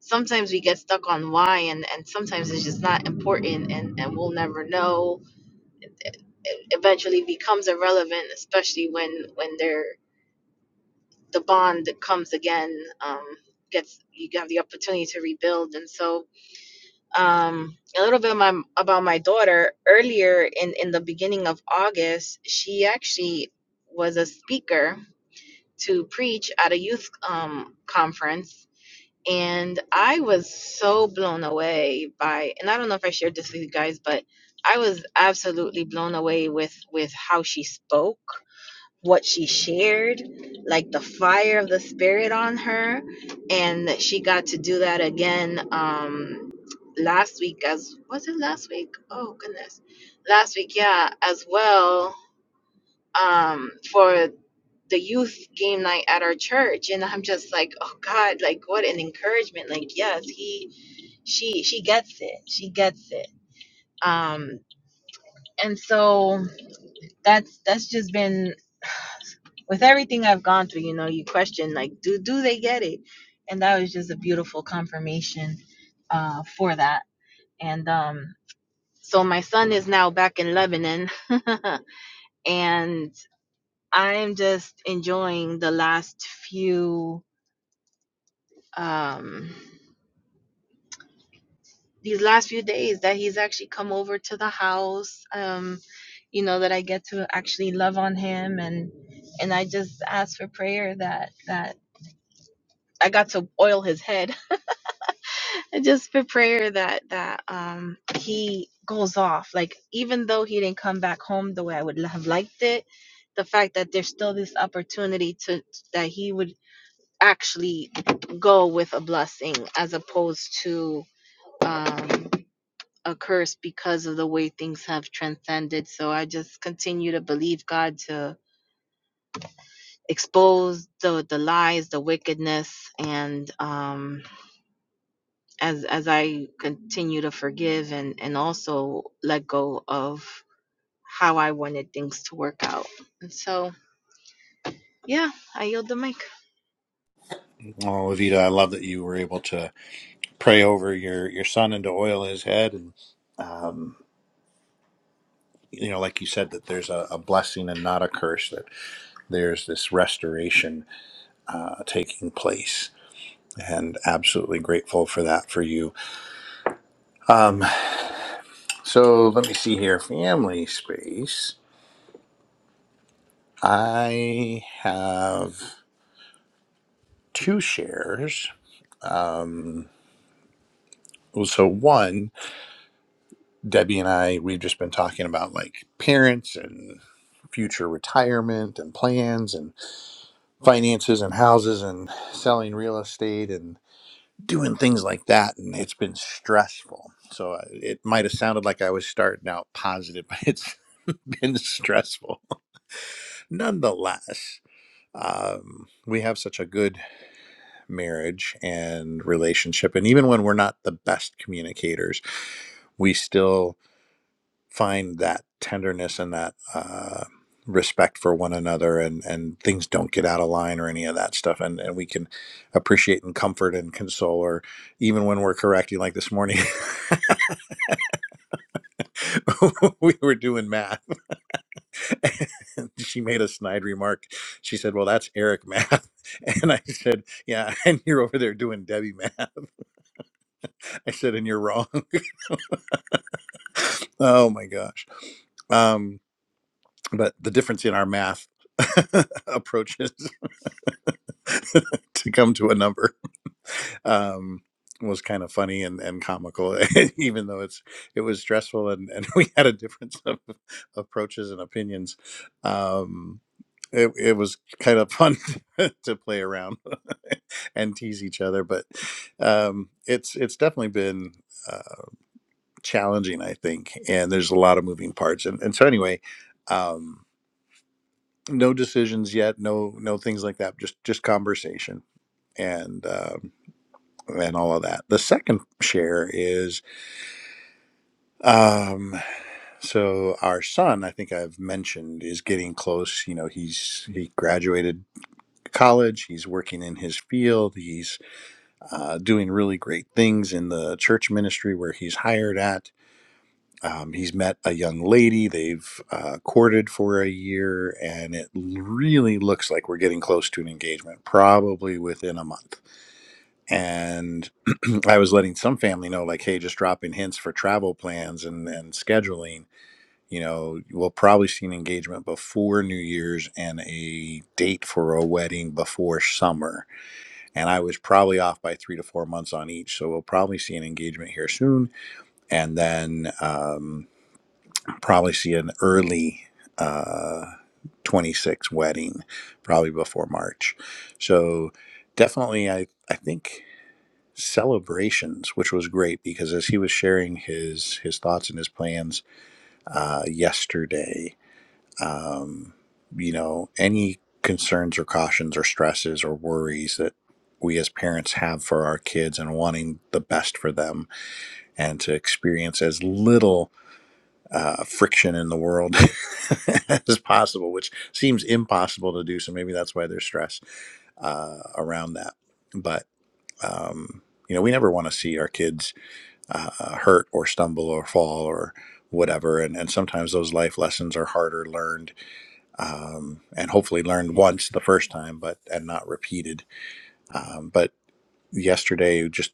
[SPEAKER 5] sometimes we get stuck on why, and and sometimes it's just not important, and and we'll never know eventually becomes irrelevant, especially when when they're the bond that comes again um, gets you have the opportunity to rebuild. And so um, a little bit my, about my daughter earlier in in the beginning of August, she actually was a speaker to preach at a youth um, conference. And I was so blown away by, and I don't know if I shared this with you guys, but I was absolutely blown away with with how she spoke what she shared, like the fire of the spirit on her, and she got to do that again um last week as was it last week? Oh goodness. Last week, yeah, as well um for the youth game night at our church and I'm just like, "Oh god, like what an encouragement. Like, yes, he she she gets it. She gets it." Um and so that's that's just been with everything I've gone through, you know, you question like, do do they get it? And that was just a beautiful confirmation uh, for that. And um, so my son is now back in Lebanon, [laughs] and I'm just enjoying the last few um, these last few days that he's actually come over to the house. Um, you know that I get to actually love on him, and and I just ask for prayer that that I got to oil his head. [laughs] And just for prayer that that um he goes off like even though he didn't come back home the way i would have liked it the fact that there's still this opportunity to that he would actually go with a blessing as opposed to um a curse because of the way things have transcended so i just continue to believe god to expose the the lies the wickedness and um as as I continue to forgive and and also let go of how I wanted things to work out. And so, yeah, I yield the mic.
[SPEAKER 1] Oh, Evita, I love that you were able to pray over your your son and to oil his head, and um, you know, like you said, that there's a, a blessing and not a curse. That there's this restoration uh, taking place, and absolutely grateful for that for you. Um, so let me see here, family space. I have two shares. Um, so one. Debbie and I, we've just been talking about like parents and future retirement and plans and finances and houses and selling real estate and doing things like that. And it's been stressful. So uh, it might have sounded like I was starting out positive, [laughs] but it's been stressful. Nonetheless, um, we have such a good marriage and relationship. And even when we're not the best communicators, we still find that tenderness and that uh, respect for one another and and things don't get out of line or any of that stuff and and we can appreciate and comfort and console or even when we're correcting like this morning [laughs] we were doing math [laughs] and she made a snide remark she said well that's eric math [laughs] and i said yeah [laughs] and you're over there doing debbie math i said and you're wrong [laughs] oh my gosh um but the difference in our math [laughs] approaches [laughs] to come to a number um, was kind of funny and, and comical, [laughs] even though it's it was stressful and, and [laughs] we had a difference of approaches and opinions. Um, it, it was kind of fun [laughs] to play around [laughs] and tease each other, but um, it's it's definitely been uh, challenging, I think, and there's a lot of moving parts, and, and so anyway, um, no decisions yet, no no things like that, just just conversation, and. um, and all of that. The second share is um, so our son, I think I've mentioned, is getting close. You know, he's he graduated college. He's working in his field. He's uh, doing really great things in the church ministry where he's hired at. Um, he's met a young lady. They've uh, courted for a year, and it really looks like we're getting close to an engagement, probably within a month and [clears throat] i was letting some family know like hey just dropping hints for travel plans and and scheduling you know we'll probably see an engagement before new year's and a date for a wedding before summer and i was probably off by three to four months on each so we'll probably see an engagement here soon and then um, probably see an early uh, 26 wedding probably before march so definitely i i think celebrations, which was great because as he was sharing his his thoughts and his plans uh, yesterday, um, you know, any concerns or cautions or stresses or worries that we as parents have for our kids and wanting the best for them and to experience as little uh, friction in the world [laughs] as possible, which seems impossible to do. So maybe that's why there's stress uh, around that. But um, you know, we never want to see our kids uh, hurt or stumble or fall or whatever. And, and sometimes those life lessons are harder learned um, and hopefully learned once the first time, but and not repeated. Um, but yesterday, just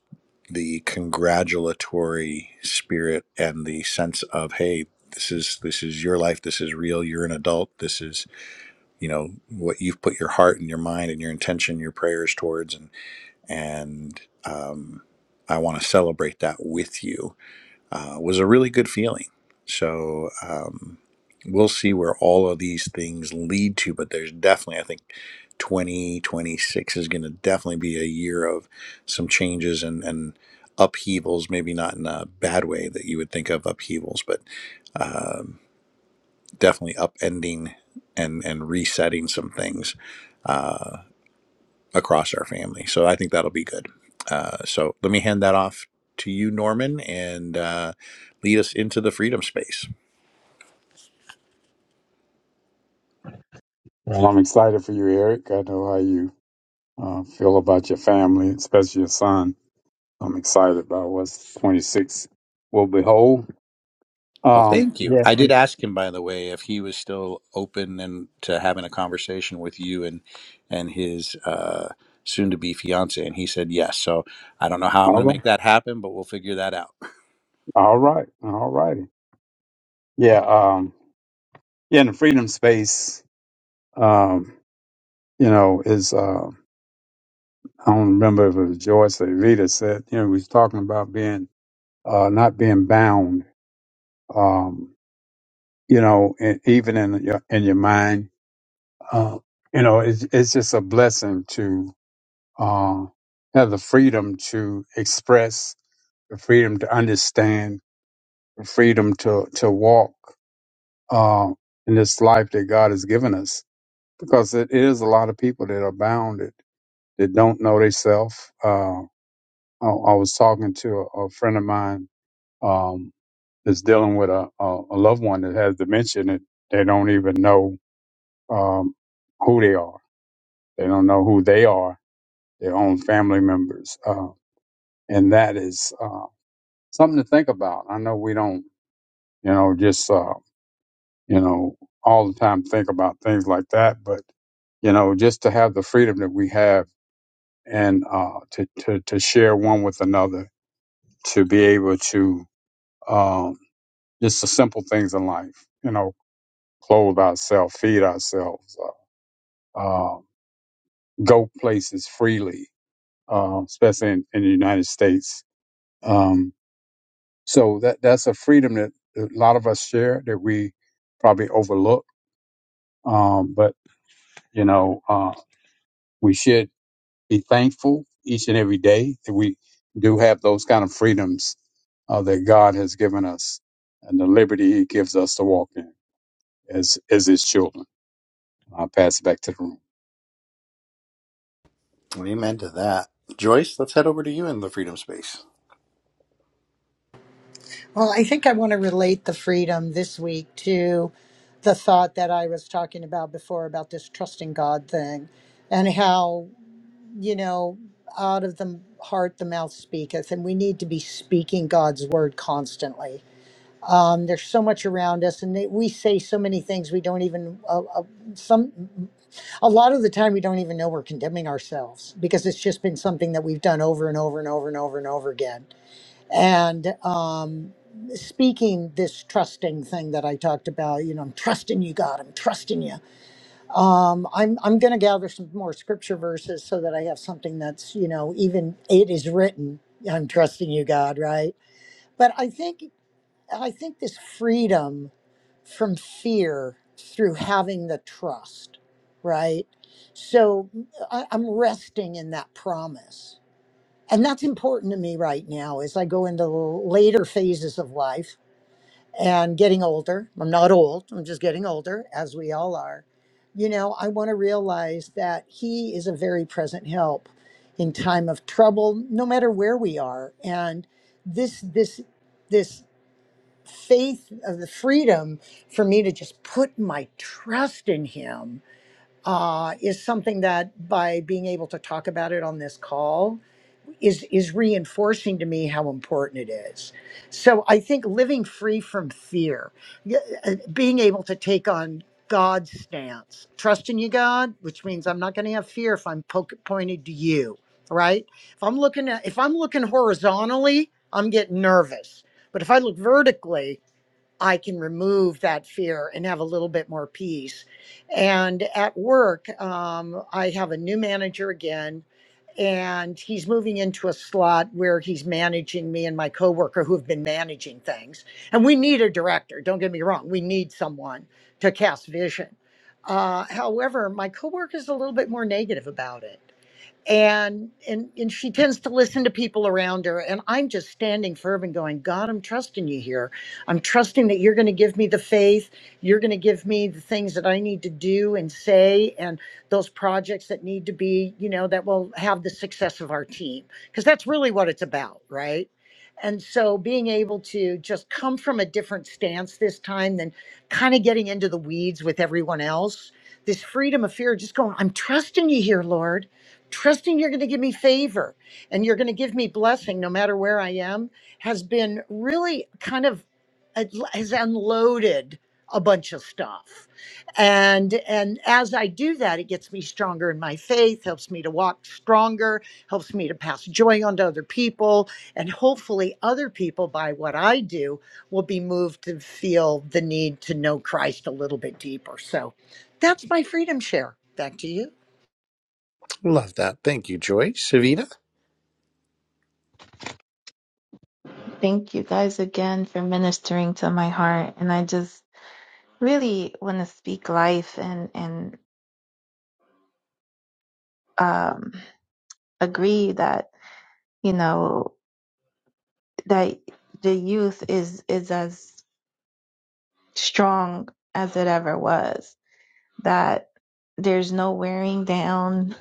[SPEAKER 1] the congratulatory spirit and the sense of hey this is this is your life this is real you're an adult this is you know what you've put your heart and your mind and your intention your prayers towards and and um, i want to celebrate that with you uh, was a really good feeling. So um, we'll see where all of these things lead to, but there's definitely, I think, 2026 is going to definitely be a year of some changes and, and upheavals, maybe not in a bad way that you would think of upheavals, but definitely upending and, and resetting some things across our family. So I think that'll be good. Uh, so let me hand that off to you, Norman, and uh, lead us into the freedom space.
[SPEAKER 3] Well, I'm excited for you, Eric. I know how you uh, feel about your family, especially your son. I'm excited about what's 26 will behold.
[SPEAKER 1] Well,
[SPEAKER 3] Um,
[SPEAKER 1] thank you.
[SPEAKER 3] yeah.
[SPEAKER 1] I did
[SPEAKER 3] and-
[SPEAKER 1] ask him, by the way, if he was still open and to having a conversation with you and and his uh, soon-to-be fiance, and he said yes. So I don't know how I'm
[SPEAKER 3] all
[SPEAKER 1] going to make
[SPEAKER 3] right.
[SPEAKER 1] that happen, but we'll figure that out.
[SPEAKER 3] All right. All righty. Yeah. um, Yeah, in the freedom space, um, you know, is uh, I don't remember if it was Joyce or Evita said, you know, we was talking about being uh, not being bound, um, you know, and even in your in your mind, uh, you know, it's it's just a blessing to uh, have the freedom to express, the freedom to understand, the freedom to to walk uh, in this life that God has given us, because it is a lot of people that are bound that don't know themselves. Uh, I, I was talking to a, a friend of mine um, that's dealing with a, a, a loved one that has dementia and they don't even know um, who they are. They don't know who they are, their own family members. Uh, and that is uh, something to think about. I know we don't, you know, just, uh, you know, all the time think about things like that, but, you know, just to have the freedom that we have and uh, to, to, to share one with another to be able to um, just the simple things in life, you know, clothe ourselves, feed ourselves, uh, uh, go places freely, uh, especially in, in the United States. Um, so that that's a freedom that a lot of us share that we probably overlook. Um, but you know, uh, we should be thankful each and every day that we do have those kind of freedoms uh, that God has given us and the liberty He gives us to walk in. as as his children. I'll pass it back to the room.
[SPEAKER 1] Amen to that. Joyce, let's head over to you in the Freedom Space.
[SPEAKER 4] Well, I think I want to relate the freedom this week to the thought that I was talking about before about this trusting God thing and how, you know, out of the heart the mouth speaketh. And we need to be speaking God's word constantly Um, there's so much around us, and they, we say so many things we don't even. Uh, uh, some, a lot of the time, we don't even know we're condemning ourselves because it's just been something that we've done over and over and over and over and over again. And um, speaking this trusting thing that I talked about, you know, I'm trusting you, God. I'm trusting you. Um, I'm I'm going to gather some more scripture verses so that I have something that's you know even it is written. I'm trusting you, God. Right but I think I think this freedom from fear through having the trust, right? So I, I'm resting in that promise. And that's important to me right now as I go into the later phases of life and getting older. I'm not old, I'm just getting older, as we all are. You know, I want to realize that He is a very present help in time of trouble, no matter where we are. And this, this, this faith of the freedom for me to just put my trust in him uh, is something that by being able to talk about it on this call is is reinforcing to me how important it is so i think living free from fear y- uh, being able to take on god's stance trusting you god which means i'm not going to have fear if i'm poke, pointed to you right if i'm looking at if i'm looking horizontally i'm getting nervous but if i look vertically I can remove that fear and have a little bit more peace. And at work, um, I have a new manager again, and he's moving into a slot where he's managing me and my coworker who have been managing things. And we need a director, don't get me wrong, we need someone to cast vision. Uh, however, my coworker is a little bit more negative about it and and and she tends to listen to people around her and i'm just standing firm and going god i'm trusting you here i'm trusting that you're going to give me the faith you're going to give me the things that i need to do and say and those projects that need to be you know that will have the success of our team because that's really what it's about right and so being able to just come from a different stance this time than kind of getting into the weeds with everyone else this freedom of fear just going i'm trusting you here lord trusting you're going to give me favor and you're going to give me blessing no matter where I am has been really kind of has unloaded a bunch of stuff and and as i do that it gets me stronger in my faith helps me to walk stronger helps me to pass joy on to other people and hopefully other people by what i do will be moved to feel the need to know christ a little bit deeper so that's my freedom share back to you
[SPEAKER 1] Love that. Thank you, Joyce. Evita.
[SPEAKER 5] Thank you guys again for ministering to my heart. And I just really want to speak life and, and um, agree that, you know, that the youth is, is as strong as it ever was, that there's no wearing down.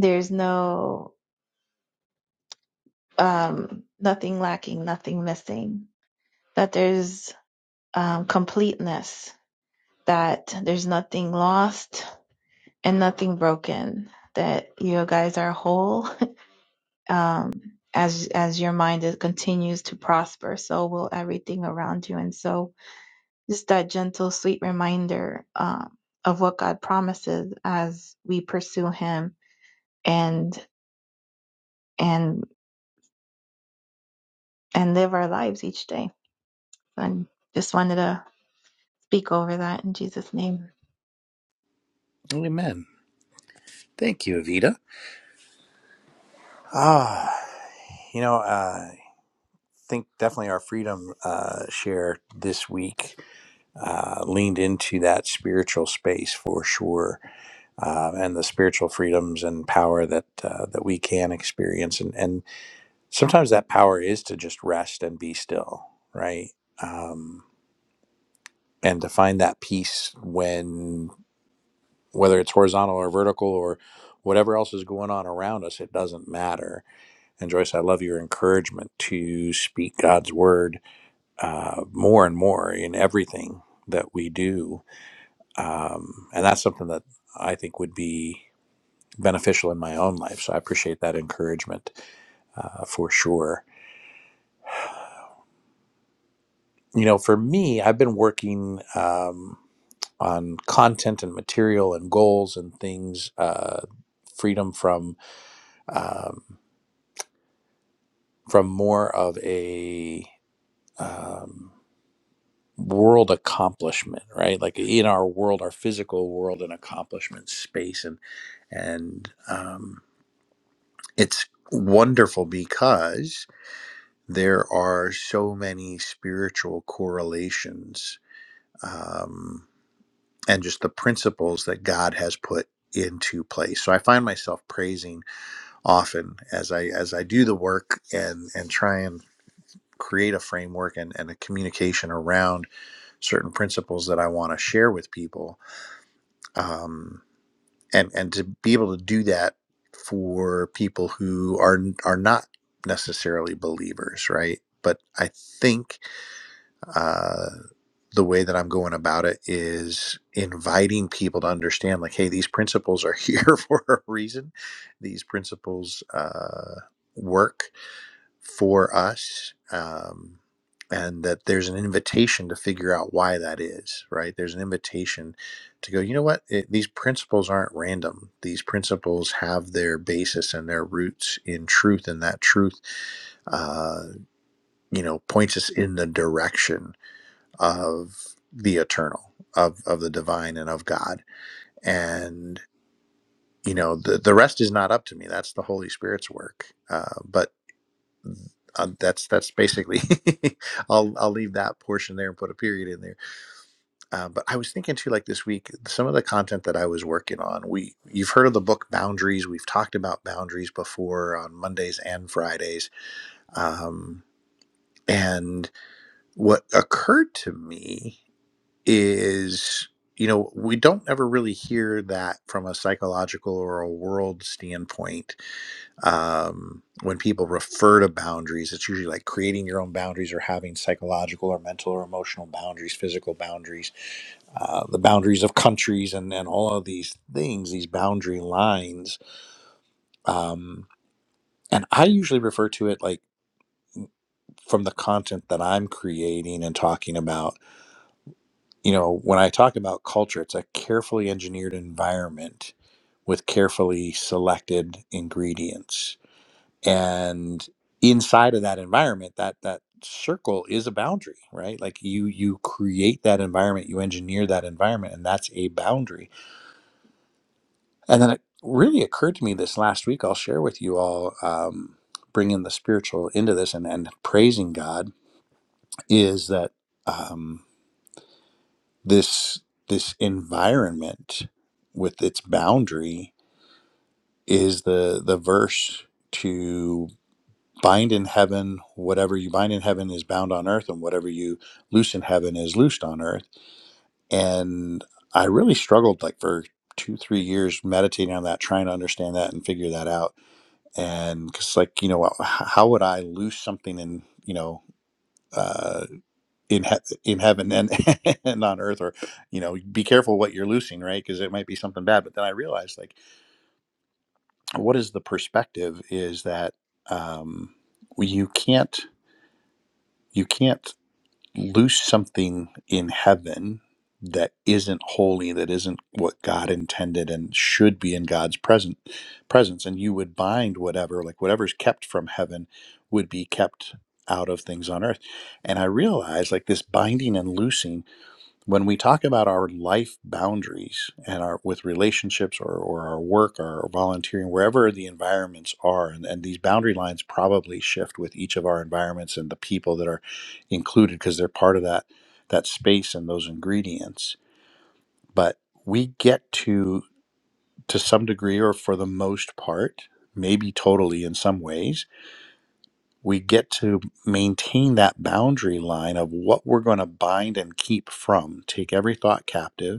[SPEAKER 5] There's no um, nothing lacking, nothing missing, that there's um, completeness, that there's nothing lost and nothing broken, that you guys are whole [laughs] um, as as your mind is, continues to prosper, so will everything around you. And so, just that gentle, sweet reminder um, of what God promises as we pursue Him and and and live our lives each day. And just wanted to speak over that in Jesus' name.
[SPEAKER 1] Amen. Thank you, Evita. Ah, you know, uh, I think definitely our freedom uh, share this week uh, leaned into that spiritual space for sure uh, and the spiritual freedoms and power that uh, that we can experience. And and sometimes that power is to just rest and be still, right? Um, and to find that peace when whether it's horizontal or vertical or whatever else is going on around us, it doesn't matter. And Joyce, I love your encouragement to speak God's word uh, more and more in everything that we do. Um, and that's something that I think would be. beneficial in my own life. So I appreciate that encouragement uh, for sure. You know, for me, I've been working um, on content and material and goals and things, uh, freedom from um, from more of a um, world accomplishment, right? Like in our world, our physical world and accomplishment space, and and um, it's wonderful because there are so many spiritual correlations um, and just the principles that God has put into place. So I find myself praising often as I as I do the work and and try and create a framework and, and a communication around certain principles that I want to share with people. Um, and and to be able to do that for people who are are not necessarily believers, right? But I think Uh, the way that I'm going about it is inviting people to understand, like, hey, these principles are here [laughs] for a reason. These principles uh, work for us, um, and that there's an invitation to figure out why that is, right? There's an invitation to go, you know what? It, these principles aren't random. These principles have their basis and their roots in truth, and that truth, uh, you know, points us in the direction of the eternal of of the divine and of god and you know the the rest is not up to me that's the holy spirit's work uh, but um, that's that's basically [laughs] i'll i'll leave that portion there and put a period in there uh, but i was thinking too like this week some of the content that i was working on we you've heard of the book boundaries we've talked about boundaries before on mondays and fridays um, and what occurred to me is you know we don't ever really hear that from a psychological or a world standpoint um, when people refer to boundaries it's usually like creating your own boundaries or having psychological or mental or emotional boundaries physical boundaries uh, the boundaries of countries and and all of these things these boundary lines um, and i usually refer to it like from the content that i'm creating and talking about you know, when I talk about culture, it's a carefully engineered environment with carefully selected ingredients. And inside of that environment, that that circle is a boundary, right? Like you you create that environment, you engineer that environment, and that's a boundary. And then it really occurred to me this last week. I'll share with you all, um, bringing the spiritual into this and and praising God is that. um, this this environment with its boundary is the the verse to bind in heaven whatever you bind in heaven is bound on earth and whatever you loose in heaven is loosed on earth and i really struggled like for two three years meditating on that trying to understand that and figure that out and because like you know how would i loose something in you know uh in he- in heaven and [laughs] and on earth or you know be careful what you're loosing right because it might be something bad but then i realized like what is the perspective is that um you can't you can't loose something in heaven that isn't holy that isn't what god intended and should be in god's present presence and you would bind whatever like whatever's kept from heaven would be kept out of things on earth and i realized like this binding and loosing when we talk about our life boundaries and our with relationships or, or our work or volunteering wherever the environments are and, and these boundary lines probably shift with each of our environments and the people that are included because they're part of that that space and those ingredients but we get to to some degree or for the most part maybe totally in some ways we get to maintain that boundary line of what we're going to bind and keep from take every thought captive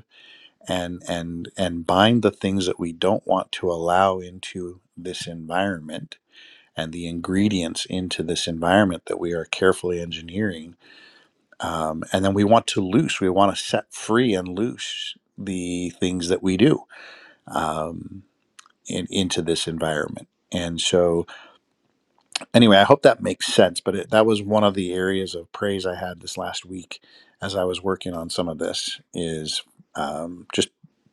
[SPEAKER 1] and and and bind the things that we don't want to allow into this environment and the ingredients into this environment that we are carefully engineering um, and then we want to loose we want to set free and loose the things that we do um, in, into this environment and so anyway, I hope that makes sense. But it, that was one of the areas of praise I had this last week as I was working on some of this is um, just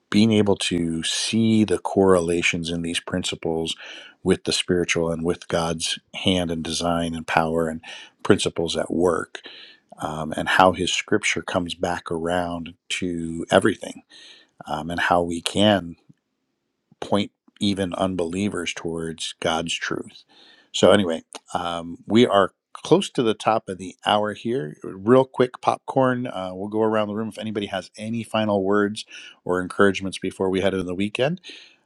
[SPEAKER 1] being able to see the correlations in these principles with the spiritual and with God's hand and design and power and principles at work. Um, and how his scripture comes back around to everything, um, and how we can point even unbelievers towards God's truth. So, anyway, um, we are close to the top of the hour here. Real quick, popcorn. Uh, we'll go around the room if anybody has any final words or encouragements before we head into the weekend.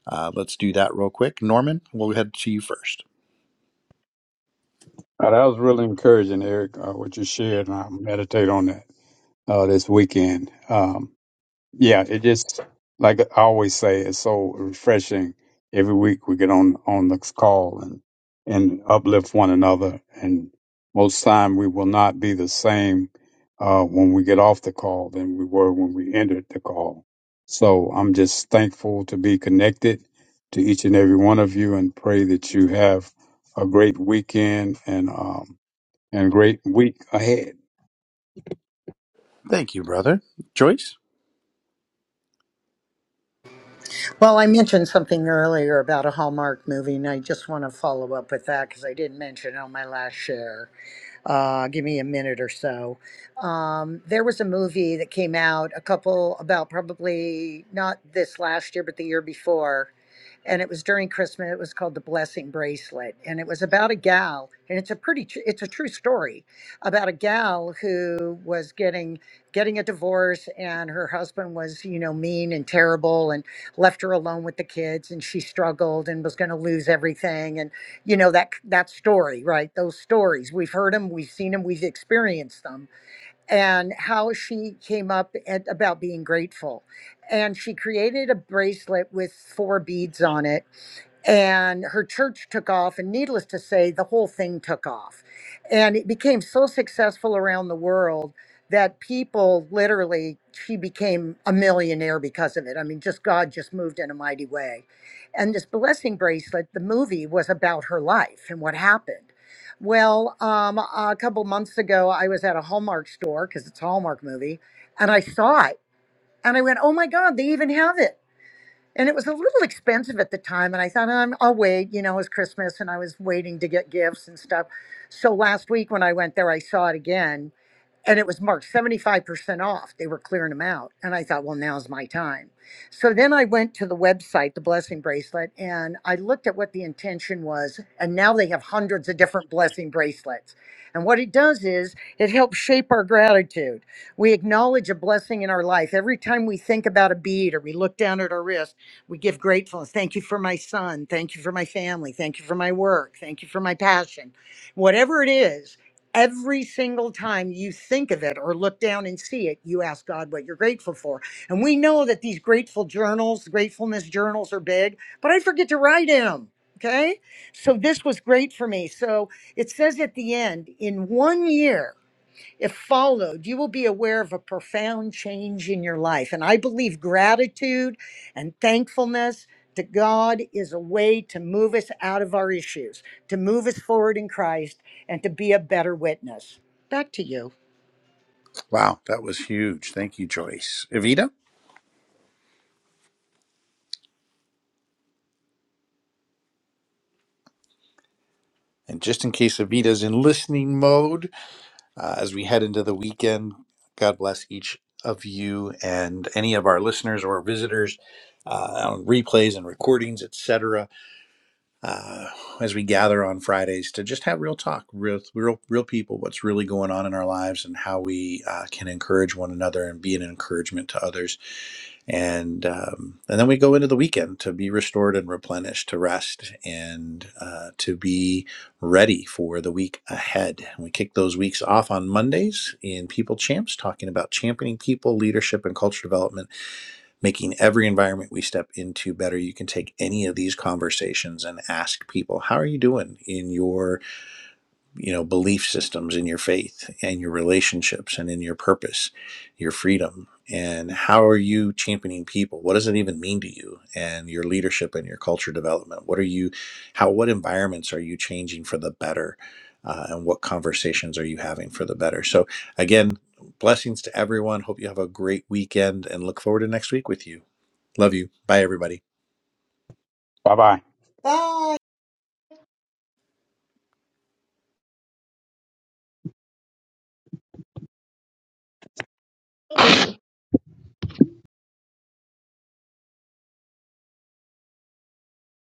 [SPEAKER 1] Uh, let's do that real quick. Norman, we'll head to you first.
[SPEAKER 3] Uh, that was really encouraging, Eric, uh, what you shared, and I'll meditate on that uh, this weekend. Um, Yeah, it just like I always say, it's so refreshing. Every week we get on on this call and and uplift one another. And most time we will not be the same uh, when we get off the call than we were when we entered the call. So I'm just thankful to be connected to each and every one of you, and pray that you have a great weekend and um and great week ahead.
[SPEAKER 1] Thank you, brother. Joyce?
[SPEAKER 4] Well, I mentioned something earlier about a Hallmark movie, and I just want to follow up with that because I didn't mention it on my last share. Uh, give me a minute or so. Um, there was a movie that came out a couple about probably not this last year, but the year before and it was during Christmas. It was called the Blessing Bracelet, and it was about a gal, and it's a pretty, tr- it's a true story about a gal who was getting getting a divorce, and her husband was, you know, mean and terrible, and left her alone with the kids, and she struggled and was going to lose everything, and you know that that story, right? Those stories we've heard them, we've seen them, we've experienced them, and how she came up at, about being grateful and she created a bracelet with four beads on it and her church took off and needless to say the whole thing took off and it became so successful around the world that people literally she became a millionaire because of it i mean just god just moved in a mighty way and this blessing bracelet the movie was about her life and what happened well um, a couple months ago i was at a hallmark store because it's a hallmark movie and i saw it and i went oh my god they even have it and it was a little expensive at the time and i thought "Um, i'll wait you know it was christmas and i was waiting to get gifts and stuff so last week when i went there i saw it again and it was marked 75% off. They were clearing them out. And I thought, well, now's my time. So then I went to the website, the blessing bracelet, and I looked at what the intention was. And now they have hundreds of different blessing bracelets. And what it does is it helps shape our gratitude. We acknowledge a blessing in our life. Every time we think about a bead or we look down at our wrist, we give gratefulness. Thank you for my son. Thank you for my family. Thank you for my work. Thank you for my passion. Whatever it is, Every single time you think of it or look down and see it, you ask God what you're grateful for. And we know that these grateful journals, gratefulness journals are big, but I forget to write in them. Okay. So this was great for me. So it says at the end, in one year, if followed, you will be aware of a profound change in your life. And I believe gratitude and thankfulness to God is a way to move us out of our issues, to move us forward in Christ, and to be a better witness. Back to you.
[SPEAKER 1] Wow, that was huge. Thank you, Joyce. Evita? And just in case Evita's in listening mode, uh, as we head into the weekend, God bless each of you and any of our listeners or visitors uh, on replays and recordings, etc. uh, as we gather on Fridays to just have real talk, real, real, real people, what's really going on in our lives and how we uh, can encourage one another and be an encouragement to others. And, um, and then we go into the weekend to be restored and replenished, to rest and uh, to be ready for the week ahead. we kick those weeks off on Mondays in People Champs, talking about championing people, leadership, and culture development making every environment we step into better. You can take any of these conversations and ask people, how are you doing in your, you know, belief systems, in your faith and your relationships and in your purpose, your freedom? And how are you championing people? What does it even mean to you and your leadership and your culture development? What are you, how, what environments are you changing for the better? Uh, and what conversations are you having for the better? So, again, blessings to everyone. Hope you have a great weekend and look forward to next week with you. Love you. Bye, everybody.
[SPEAKER 3] Bye bye.
[SPEAKER 4] Bye.
[SPEAKER 5] [laughs]